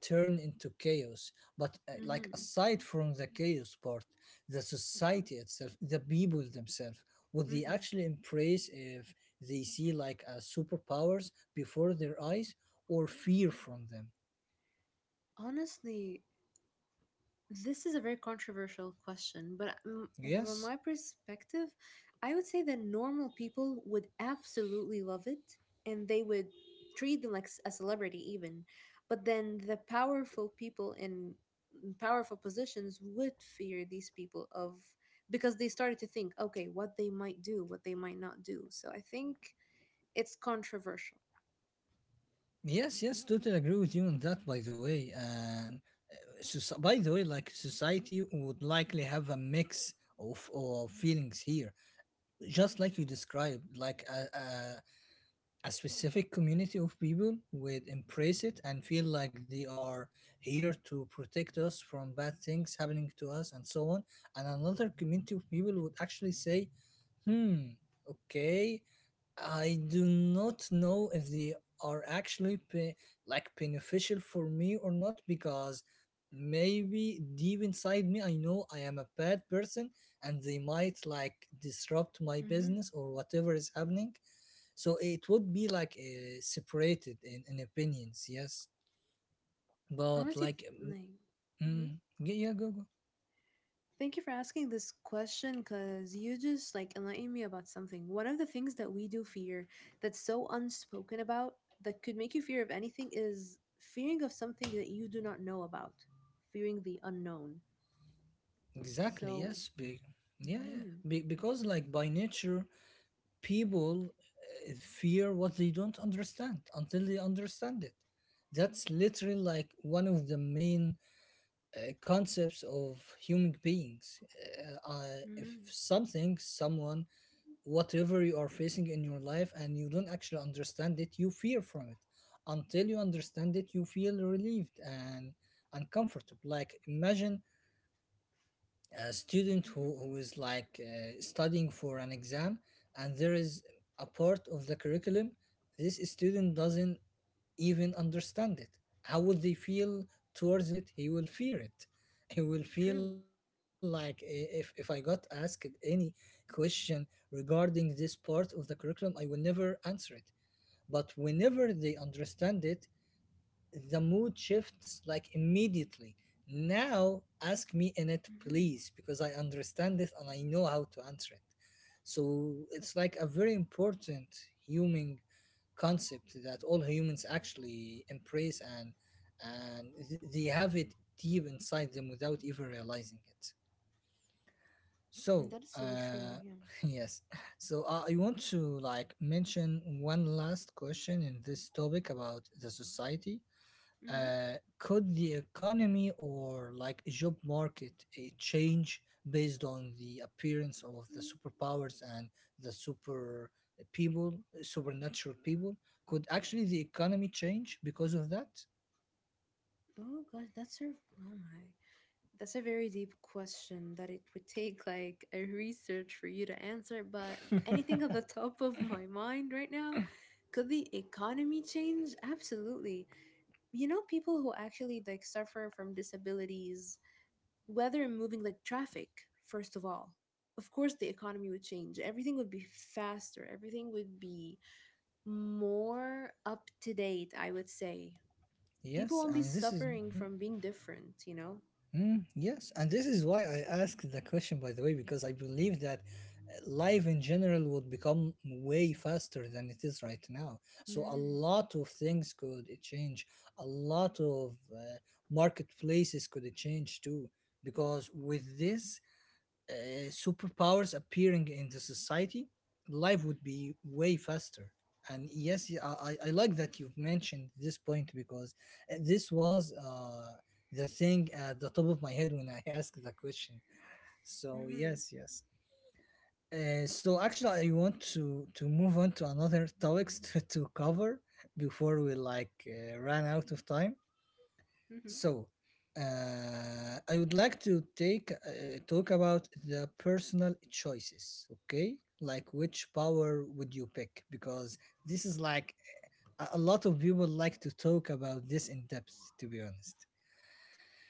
Speaker 1: turn into chaos, but like
Speaker 2: Mm-hmm.
Speaker 1: aside from the chaos part, the society itself, the people themselves, would they
Speaker 2: Mm-hmm.
Speaker 1: actually embrace if they see like superpowers before their eyes, or fear from them?
Speaker 2: Honestly, this is a very controversial question, but from
Speaker 1: Yes,
Speaker 2: my perspective, I would say that normal people would absolutely love it and they would treat them like a celebrity, even. But then the powerful people in powerful positions would fear these people of because they started to think, okay, what they might do, what they might not do. So I think it's controversial.
Speaker 1: yes. Yes, totally agree with you on that, by the way. And by the way, like society would likely have a mix of feelings here, just like you described. Like a specific community of people would embrace it and feel like they are here to protect us from bad things happening to us and so on. And another community of people would actually say, hmm, okay, I do not know if they are actually like beneficial for me or not, because maybe deep inside me I know I am a bad person and they might like disrupt my business
Speaker 2: Hmm
Speaker 1: or whatever is happening. So it would be like separated in opinions. Yes, but
Speaker 2: Honestly,
Speaker 1: like
Speaker 2: like, mm-hmm.
Speaker 1: mm, yeah, go go.
Speaker 2: Thank you for asking this question because you just like enlightened me about something. One of the things that we do fear that's so unspoken about that could make you fear of anything is fearing of something that you do not know about, fearing the unknown.
Speaker 1: Exactly,
Speaker 2: So,
Speaker 1: yes, yeah, yeah.
Speaker 2: mm-hmm,
Speaker 1: Because like, by nature, people fear what they don't understand until they understand it. That's literally like one of the main concepts of human beings. If
Speaker 2: mm-hmm,
Speaker 1: something, someone, whatever you are facing in your life and you don't actually understand it, you fear from it. Until you understand it, you feel relieved and uncomfortable. Like, imagine a student
Speaker 2: mm-hmm,
Speaker 1: who is like studying for an exam, and there is a part of the curriculum this student doesn't even understand it. How will they feel towards it? He will fear it. He will feel
Speaker 2: true.
Speaker 1: like if I got asked any question regarding this part of the curriculum, I will never answer it. But whenever they understand it, the mood shifts like immediately. Now ask me in it
Speaker 2: Mm-hmm.
Speaker 1: please, because I understand it and I know how to answer it. So it's like a very important human concept that all humans actually embrace and they have it deep inside them without even realizing it. So
Speaker 2: That is so true. Yeah.
Speaker 1: yes. So I want to like mention one last question in this topic about the society.
Speaker 2: Mm-hmm.
Speaker 1: Uh, could the economy or like job market change based on the appearance of the superpowers and the super people, supernatural people? Could actually the economy change because of that?
Speaker 2: Oh gosh, that's your. Oh my. That's a very deep question that it would take like a research for you to answer, but anything at the top of my mind right now, could the economy change? Absolutely. You know, people who actually like suffer from disabilities, whether moving like traffic, first of all. Of course, the economy would change. Everything would be faster. Everything would be more up to date, I would say. People
Speaker 1: Yes,
Speaker 2: won't be
Speaker 1: and this is,
Speaker 2: suffering
Speaker 1: hmm,
Speaker 2: from being different, you know?
Speaker 1: mm, yes, and this is why I asked the question, by the way, because I believe that life in general would become way faster than it is right now. So a
Speaker 2: Hmm
Speaker 1: lot of things could change. A lot of marketplaces could change too, because with this, uh, superpowers appearing in the society, life would be way faster. And yes, I like that you've mentioned this point because this was the thing at the top of my head when I asked the question. So
Speaker 2: hmm
Speaker 1: yes, yes. So actually, I want to move on to another topics to cover before we like run out of time.
Speaker 2: hmm
Speaker 1: So I would like to take talk about the personal choices, okay? Like which power would you pick? Because this is like a lot of people like to talk about this in depth, to be honest.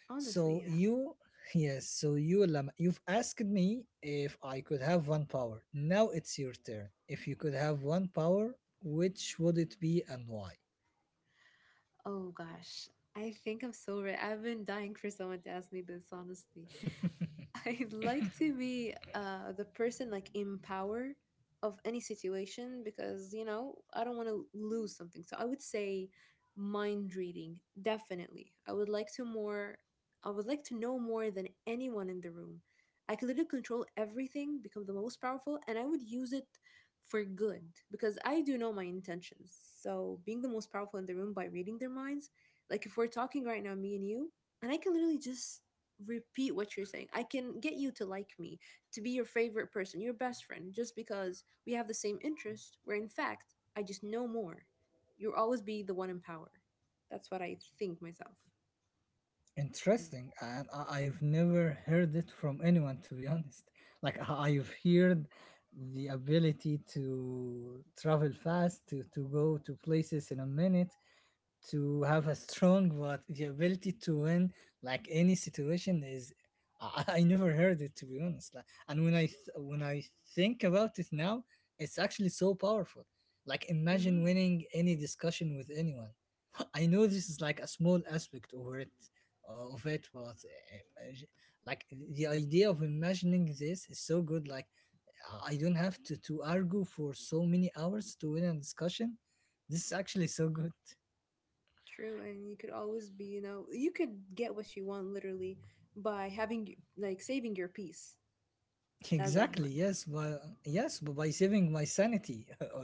Speaker 2: Honestly,
Speaker 1: So
Speaker 2: yeah.
Speaker 1: you, yes, so you, Lama, you've asked me if I could have one power. Now it's your turn. If you could have one power, which would it be and why?
Speaker 2: Oh gosh. I think I'm so ready. I've been dying for someone to ask me this, honestly. I'd like to be the person like in power of any situation because you know I don't want to lose something. So I would say mind reading definitely. I would like to more. I would like to know more than anyone in the room. I could literally control everything, become the most powerful, and I would use it for good because I do know my intentions. So being the most powerful in the room by reading their minds, like if we're talking right now, me and you, and I can literally just repeat what you're saying. I can get you to like me, to be your favorite person, your best friend, just because we have the same interest, where in fact, I just know more. You'll always be the one in power. That's what I think myself.
Speaker 1: Interesting, and I've never heard it from anyone to be honest. Like I've heard the ability to travel fast, to go to places in a minute, to have a strong, but the ability to win like any situation is I, I never heard it to be honest. Like, and when I think about it now, it's actually so powerful. Like imagine
Speaker 2: Hmm
Speaker 1: winning any discussion with anyone. I know this is like a small aspect of it, but like the idea of imagining this is so good. Like I don't have to argue for so many hours to win a discussion. This is actually so good.
Speaker 2: True. And you could always be, you know, you could get what you want literally by having, like, saving your peace as
Speaker 1: Exactly.
Speaker 2: Ahmed.
Speaker 1: Yes. But by saving my sanity,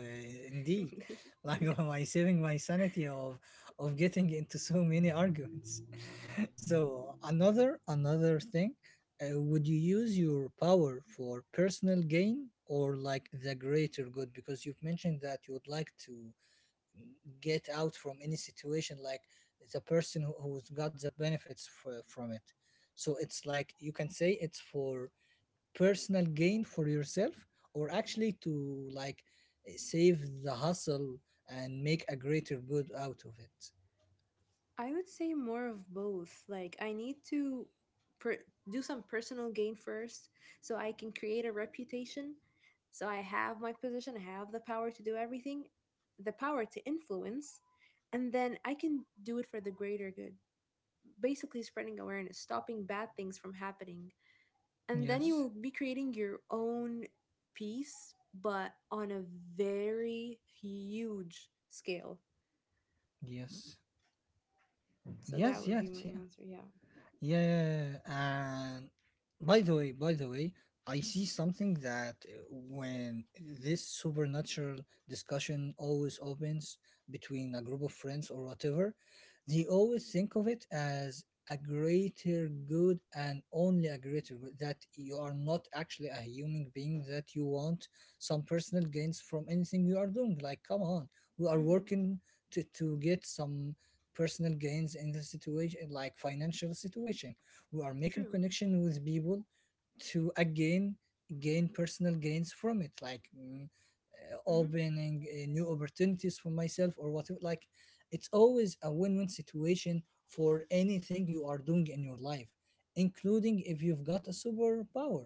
Speaker 1: indeed, like by
Speaker 2: Yes.
Speaker 1: saving my sanity of getting into so many arguments. So another thing, would you use your power for personal gain or like the greater good? Because you've mentioned that you would like to get out from any situation, like the person who, who's got the benefits from it. So it's like you can say it's for personal gain for yourself, or actually to like save the hustle and make a greater good out of it.
Speaker 2: I would say more of both. Like, I need to per- do some personal gain first so I can create a reputation. So I have my position, I have the power to do everything, the power to influence, and then I can do it for the greater good. Basically, spreading awareness, stopping bad things from happening. And then you will
Speaker 1: Yes.
Speaker 2: be creating your own piece, but on a very huge scale.
Speaker 1: Yes.
Speaker 2: So that
Speaker 1: Yes.
Speaker 2: would be my
Speaker 1: Yes. Yeah.
Speaker 2: answer. Yeah.
Speaker 1: Yeah, and by the way, I see something that when this supernatural discussion always opens between a group of friends or whatever, they always think of it as a greater good and only a greater good. That you are not actually a human being, that you want some personal gains from anything you are doing. Like, come on, we are
Speaker 2: hmm
Speaker 1: working to get some personal gains in the situation, like financial situation. We are making
Speaker 2: True.
Speaker 1: connection with people to again gain personal gains from it, like
Speaker 2: Hmm
Speaker 1: opening new opportunities for myself or whatever. Like it's always a win-win situation for anything you are doing in your life, including if you've got a superpower,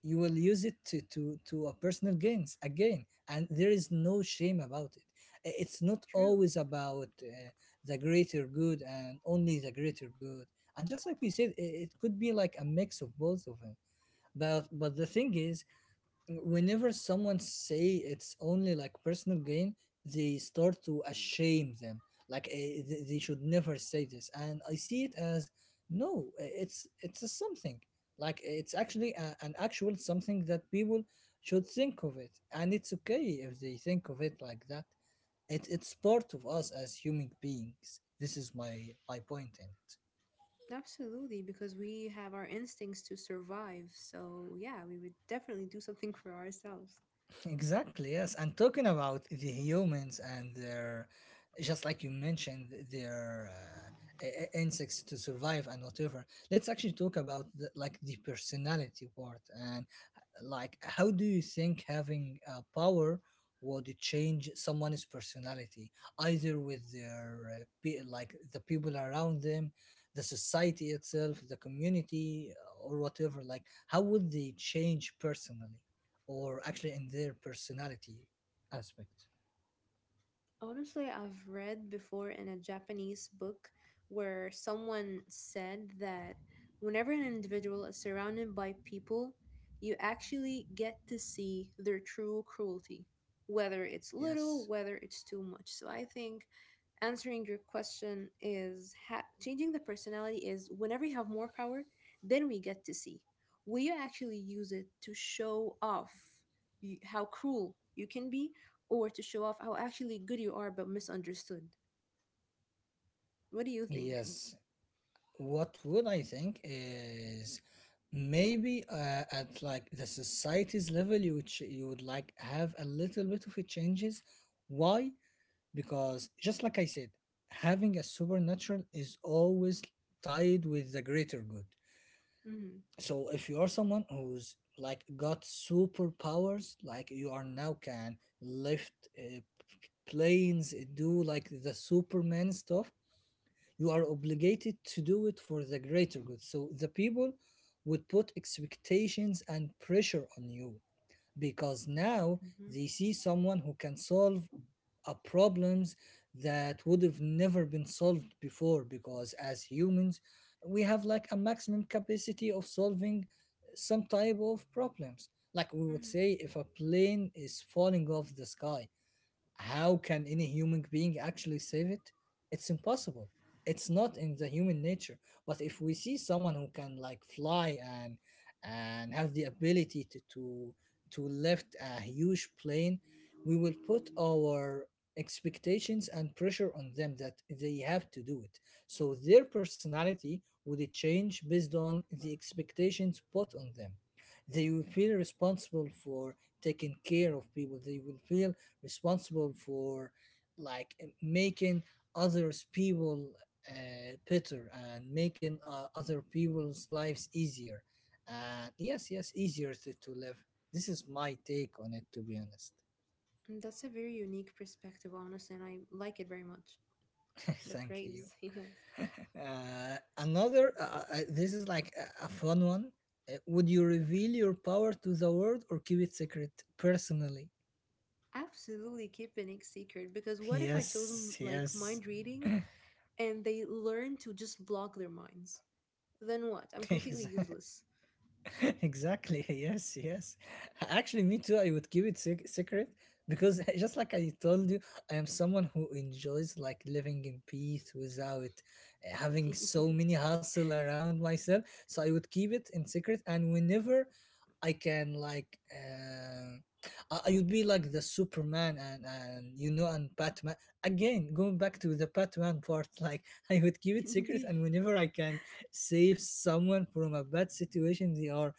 Speaker 1: you will use it to to a personal gains again, and there is no shame about it. It's not
Speaker 2: True.
Speaker 1: always about the greater good and only the greater good. And just like we said, it could be like a mix of both of them. But the thing is, whenever someone say it's only like personal gain, they start to ashame them. Like they should never say this, and I see it as no, it's a something. Like it's actually a, an actual something that people should think of it, and it's okay if they think of it like that. It's part of us as human beings. This is my point in it.
Speaker 2: Absolutely, because we have our instincts to survive. So, yeah, we would definitely do something for ourselves.
Speaker 1: Exactly, yes. And talking about the humans and their, just like you mentioned, their insects to survive and whatever. Let's actually talk about the, like the personality part and like how do you think having power would change someone's personality, either with their like the people around them, the society itself, the community, or whatever. Like how would they change personally? Or actually in their personality aspect.
Speaker 2: Honestly, I've read before in a Japanese book where someone said that whenever an individual is surrounded by people, you actually get to see their true cruelty, whether it's
Speaker 1: Yes.
Speaker 2: little, whether it's too much. So I think answering your question is changing the personality is whenever you have more power, then we get to see. Will you actually use it to show off you, how cruel you can be? Or to show off how actually good you are but misunderstood. What do you think?
Speaker 1: Yes. What would I think is maybe at like the society's level, you would you would like have a little bit of a changes. Why? Because just like I said, having a supernatural is always tied with the greater good.
Speaker 2: Mm-hmm.
Speaker 1: So if you are someone who's like got superpowers, like you are now can lift planes, do like the superman stuff, you are obligated to do it for the greater good, so the people would put expectations and pressure on you, because now
Speaker 2: Mm-hmm.
Speaker 1: they see someone who can solve problems that would have never been solved before. Because as humans, we have like a maximum capacity of solving some type of problems. Like we would
Speaker 2: Mm-hmm.
Speaker 1: say, if a plane is falling off the sky, how can any human being actually save it? It's impossible. It's not in the human nature. But if we see someone who can like fly and have the ability to lift a huge plane, we will put our expectations and pressure on them that they have to do it. So their personality would change based on the expectations put on them. They will feel responsible for taking care of people. They will feel responsible for like making others people better and making other people's lives easier. And yes, yes, easier to live. This is my take on it, to be honest.
Speaker 2: That's a very unique perspective, honestly, and I like it very much. So
Speaker 1: Thank you.
Speaker 2: praise, yes.
Speaker 1: Another This is like a fun one. Would you reveal your power to the world or keep it secret personally?
Speaker 2: Absolutely keep an ex secret because what if I chose
Speaker 1: Yes,
Speaker 2: like
Speaker 1: yes.
Speaker 2: mind reading and they learn to just block their minds? Then what? I'm completely
Speaker 1: Exactly.
Speaker 2: useless.
Speaker 1: Exactly, yes, yes. Actually me too, I would keep it secret, because just like I told you, I am someone who enjoys like living in peace without having
Speaker 2: Yeah,
Speaker 1: so many hustle around myself. So I would keep it in secret, and whenever I can like I would be like the superman and you know and batman, again going back to the batman part, like I would keep it secret, and
Speaker 2: indeed.
Speaker 1: whenever I can save someone from a bad situation they are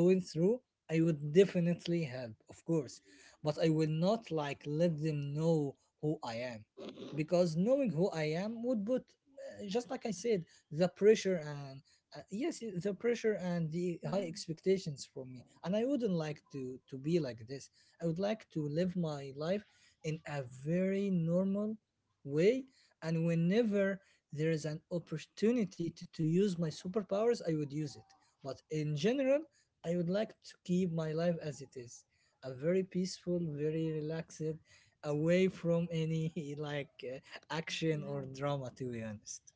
Speaker 1: going through, I would definitely help, of course. But I will not like let them know who I am. Because knowing who I am would put, just like I said, the pressure and the pressure and the high
Speaker 2: Mhm.
Speaker 1: expectations from me. And I wouldn't like to be like this. I would like to live my life in a very normal way. And whenever there is an opportunity to use my superpowers, I would use it. But in general, I would like to keep my life as it is, a very peaceful, very relaxed, away from any like action or
Speaker 2: Wow.
Speaker 1: drama, to be honest.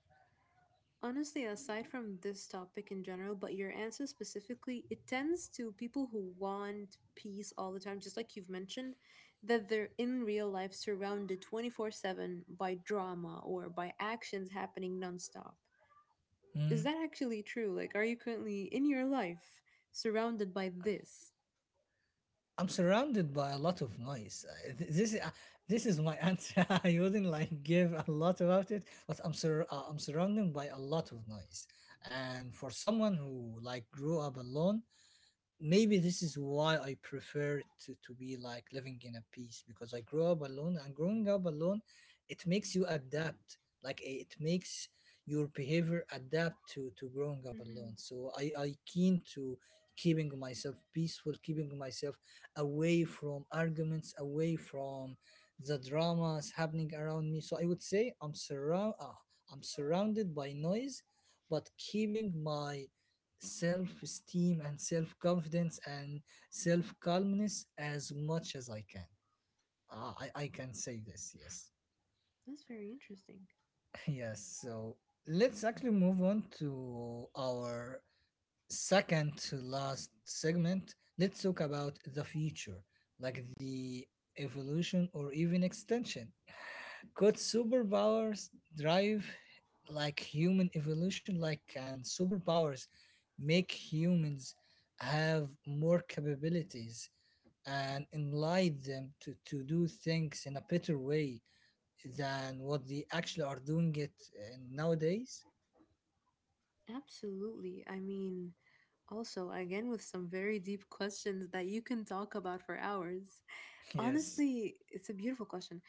Speaker 2: Honestly, aside from this topic in general, but your answer specifically, it tends to people who want peace all the time, just like you've mentioned, that they're in real life surrounded 24/7 by drama or by actions happening nonstop. Is
Speaker 1: Mm.
Speaker 2: that actually true? Like, are you currently in your life surrounded by this?
Speaker 1: I'm surrounded by a lot of noise. This this is my answer. I wouldn't like give a lot about it, but I'm I'm surrounded by a lot of noise. And for someone who like grew up alone, maybe this is why I prefer to be like living in a peace, because I grew up alone, and growing up alone, it makes you adapt, like it makes your behavior adapt to growing up alone.
Speaker 2: Hmm
Speaker 1: So I keen to keeping myself peaceful, keeping myself away from arguments, away from the dramas happening around me. So I would say I'm surround I'm surrounded by noise, but keeping my self-esteem and self-confidence and self-calmness as much as I can. Ah, I can say this, yes.
Speaker 2: That's very interesting.
Speaker 1: Yes, so let's actually move on to our second to last segment. Let's talk about the future, like the evolution or even extension. Could superpowers drive like human evolution? Like, can superpowers make humans have more capabilities and enlighten them to do things in a better way than what they actually are doing it nowadays?
Speaker 2: Absolutely. I mean, also, again, with some very deep questions that you can talk about for hours.
Speaker 1: Yes,
Speaker 2: Honestly, it's a beautiful question.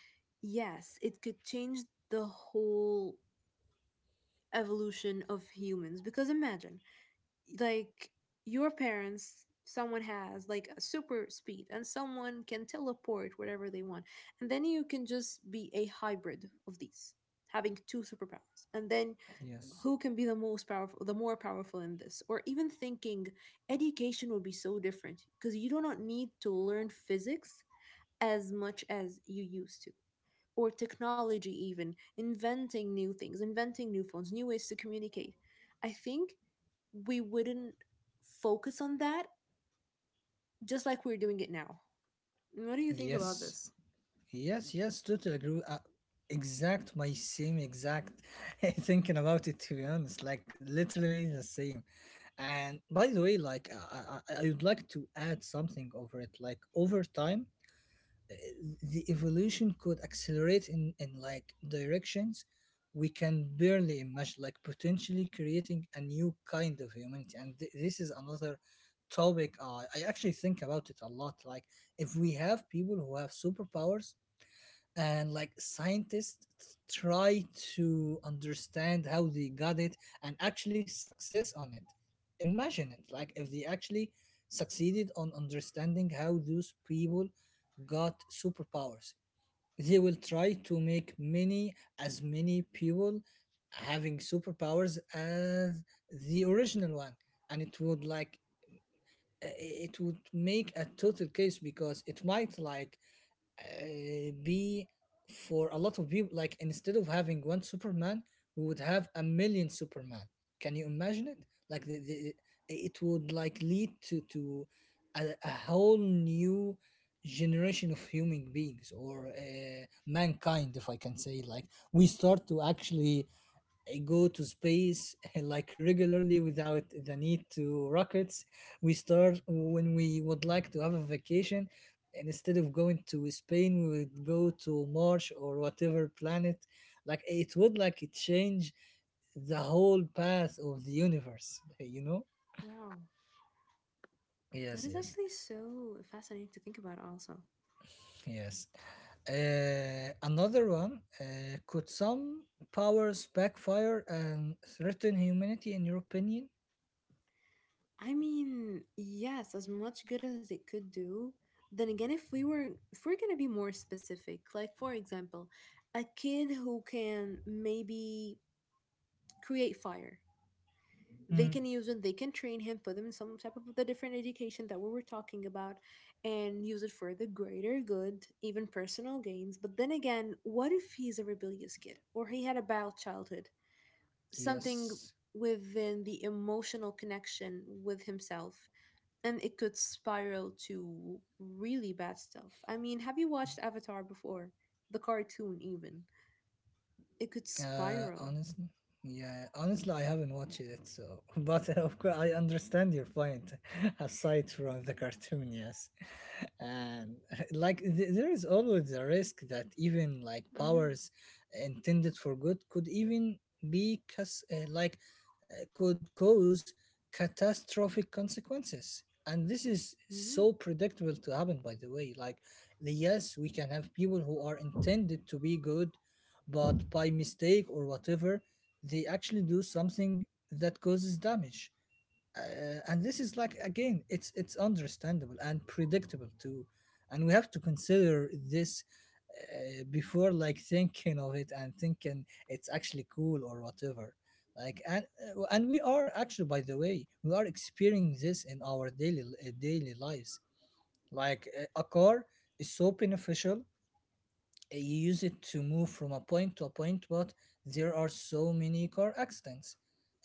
Speaker 2: Yes, it could change the whole evolution of humans because imagine, like, your parents, someone has like a super speed and someone can teleport wherever they want. And then you can just be a hybrid of these, having two superpowers. And then
Speaker 1: yes,
Speaker 2: who can be the most powerful, the more powerful in this? Or even thinking education would be so different because you do not need to learn physics as much as you used to. Or technology, even inventing new things, inventing new phones, new ways to communicate. I think we wouldn't focus on that just like we're doing it now. What do you think about
Speaker 1: yes.
Speaker 2: this?
Speaker 1: Yes, yes, totally agree. Exact, my same exact thinking about it, to be honest. Like, literally the same. And by the way, like, I would like to add something over it. Like, over time, uh, the evolution could accelerate in like directions we can barely imagine, like, potentially creating a new kind of humanity. And this is another topic I actually think about it a lot. Like, if we have people who have superpowers, and like scientists try to understand how they got it and actually success on it. Imagine it, like, if they actually succeeded on understanding how those people got superpowers, they will try to make many, as many people having superpowers as the original one. And it would like i- it would make a total case, because it might like be, for a lot of people, like instead of having one superman, we would have a million superman. Can you imagine it? Like it would like lead to a whole new generation of human beings or mankind, if I can say. Like we start to actually go to space like regularly without the need to rockets. We start, when we would like to have a vacation, and instead of going to spain we would go to mars or whatever planet. Like it would like it change the whole path of the universe. you know
Speaker 2: Wow. That
Speaker 1: yes
Speaker 2: is
Speaker 1: yes
Speaker 2: actually so fascinating to think about, also.
Speaker 1: yes. Another one, could some powers backfire and threaten humanity, in your opinion?
Speaker 2: I mean, yes, as much good as it could do. Then again, if we were, if we're gonna be more specific, like for example, a kid who can maybe create fire,
Speaker 1: Mm.
Speaker 2: they can use it, they can train him, put him in some type of the different education that we were talking about and use it for the greater good, even personal gains, but then again, what if he's a rebellious kid or he had a bad childhood, something
Speaker 1: Yes.
Speaker 2: within the emotional connection with himself and it could spiral to really bad stuff. I mean, have you watched Avatar before, the cartoon even? It could spiral.
Speaker 1: Honestly, yeah, honestly, I haven't watched it, so but of course, I understand your point. Aside from the cartoon, yes, and like there is always a risk that even like
Speaker 2: Hmm
Speaker 1: powers intended for good could even be like could cause catastrophic consequences. And this is
Speaker 2: hmm
Speaker 1: so predictable to happen, by the way. Like, yes, we can have people who are intended to be good, but by mistake or whatever, they actually do something that causes damage. And this is, like, again, it's understandable and predictable too, and we have to consider this before like thinking of it and thinking it's actually cool or whatever. Like, and we are actually, by the way, we are experiencing this in our daily daily lives. Like, a car is so beneficial. Eh, you use it to move from a point to a point, but there are so many car accidents.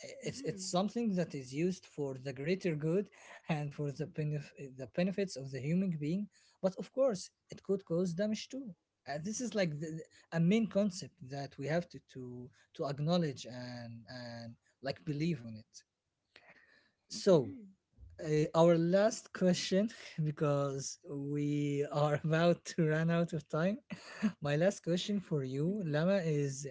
Speaker 1: It's
Speaker 2: hmm
Speaker 1: something that is used for the greater good and for the the benefits of the human being, but of course it could cause damage too. And this is like a main concept that we have to acknowledge and like believe on it. So
Speaker 2: hmm
Speaker 1: our last question, because we are about to run out of time. My last question for you,
Speaker 2: hmm
Speaker 1: Lama, is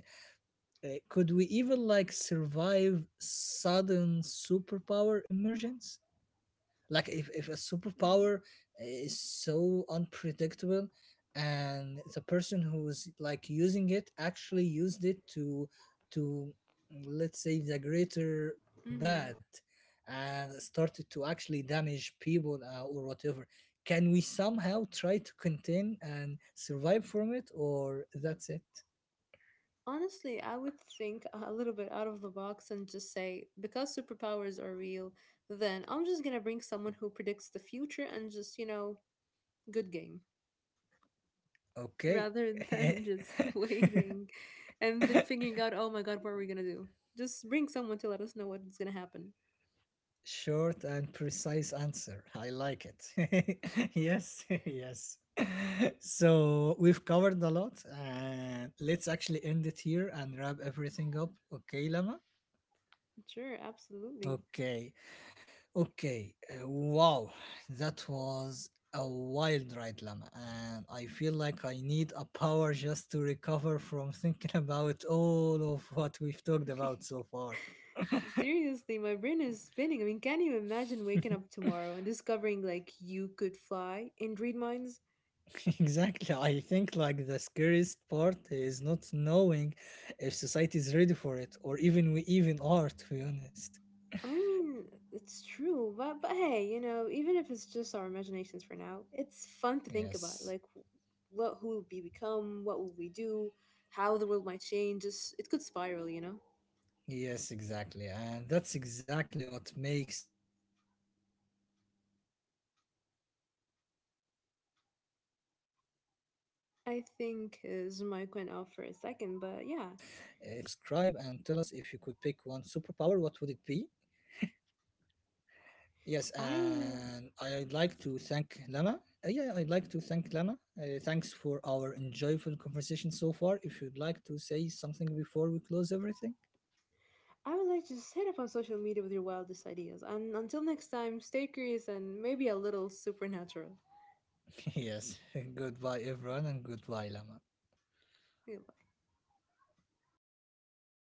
Speaker 1: could we even like survive sudden superpower emergence? Like if a
Speaker 2: hmm
Speaker 1: superpower is so unpredictable, and the person who's like using it actually used it to, let's say, the greater bad,
Speaker 2: Mm.
Speaker 1: and started to actually damage people, or whatever. Can we somehow try to contain and survive from it, or that's it?
Speaker 2: Honestly, I would think a little bit out of the box and just say, because superpowers are real, then I'm just gonna bring someone who predicts the future and just, you know, good game.
Speaker 1: Okay.
Speaker 2: Rather than just waiting and then figuring out, oh my god, what are we gonna do? Just bring someone to let us know what's gonna happen.
Speaker 1: Short and precise answer. I like it. Yes, yes. So we've covered a lot, and let's actually end it here and wrap everything up. Okay, Lama?
Speaker 2: Sure, absolutely.
Speaker 1: Okay, okay. Wow, that was a wild ride, Lama. And I feel like I need a power just to recover from thinking about all of what we've talked about so far.
Speaker 2: Seriously, my brain is spinning. I mean, can't you imagine waking up tomorrow and discovering like you could fly and read minds?
Speaker 1: Exactly. I think like the scariest part is not knowing if society is ready for it, or even we even are, to be honest.
Speaker 2: I mean, it's true, but hey, you know, even if it's just our imaginations for now, it's fun to think about.
Speaker 1: Yes.
Speaker 2: Like, what who will we become? What will we do? How the world might change? Just it could spiral, you know.
Speaker 1: Yes, exactly. And that's exactly what makes these conversations so addictive, by the way. Thanks for joining us, everyone. Don't forget
Speaker 2: I
Speaker 1: to
Speaker 2: think
Speaker 1: subscribe,
Speaker 2: his
Speaker 1: and
Speaker 2: mic
Speaker 1: tell
Speaker 2: went
Speaker 1: us,
Speaker 2: off for
Speaker 1: if
Speaker 2: a
Speaker 1: you could
Speaker 2: second,
Speaker 1: pick
Speaker 2: but
Speaker 1: one
Speaker 2: yeah,
Speaker 1: superpower, what would it be? Yes, and I'd like
Speaker 2: I
Speaker 1: to
Speaker 2: would
Speaker 1: thank Lama. Yeah, I'd like to thank Lama. Thanks for our enjoyable conversation so far. If you'd like to say something before we close everything,
Speaker 2: I would like to just hit up on social media with your wildest ideas. And until next time, stay curious and maybe a little supernatural.
Speaker 1: yes, goodbye, everyone, and goodbye, Lama.
Speaker 2: Goodbye.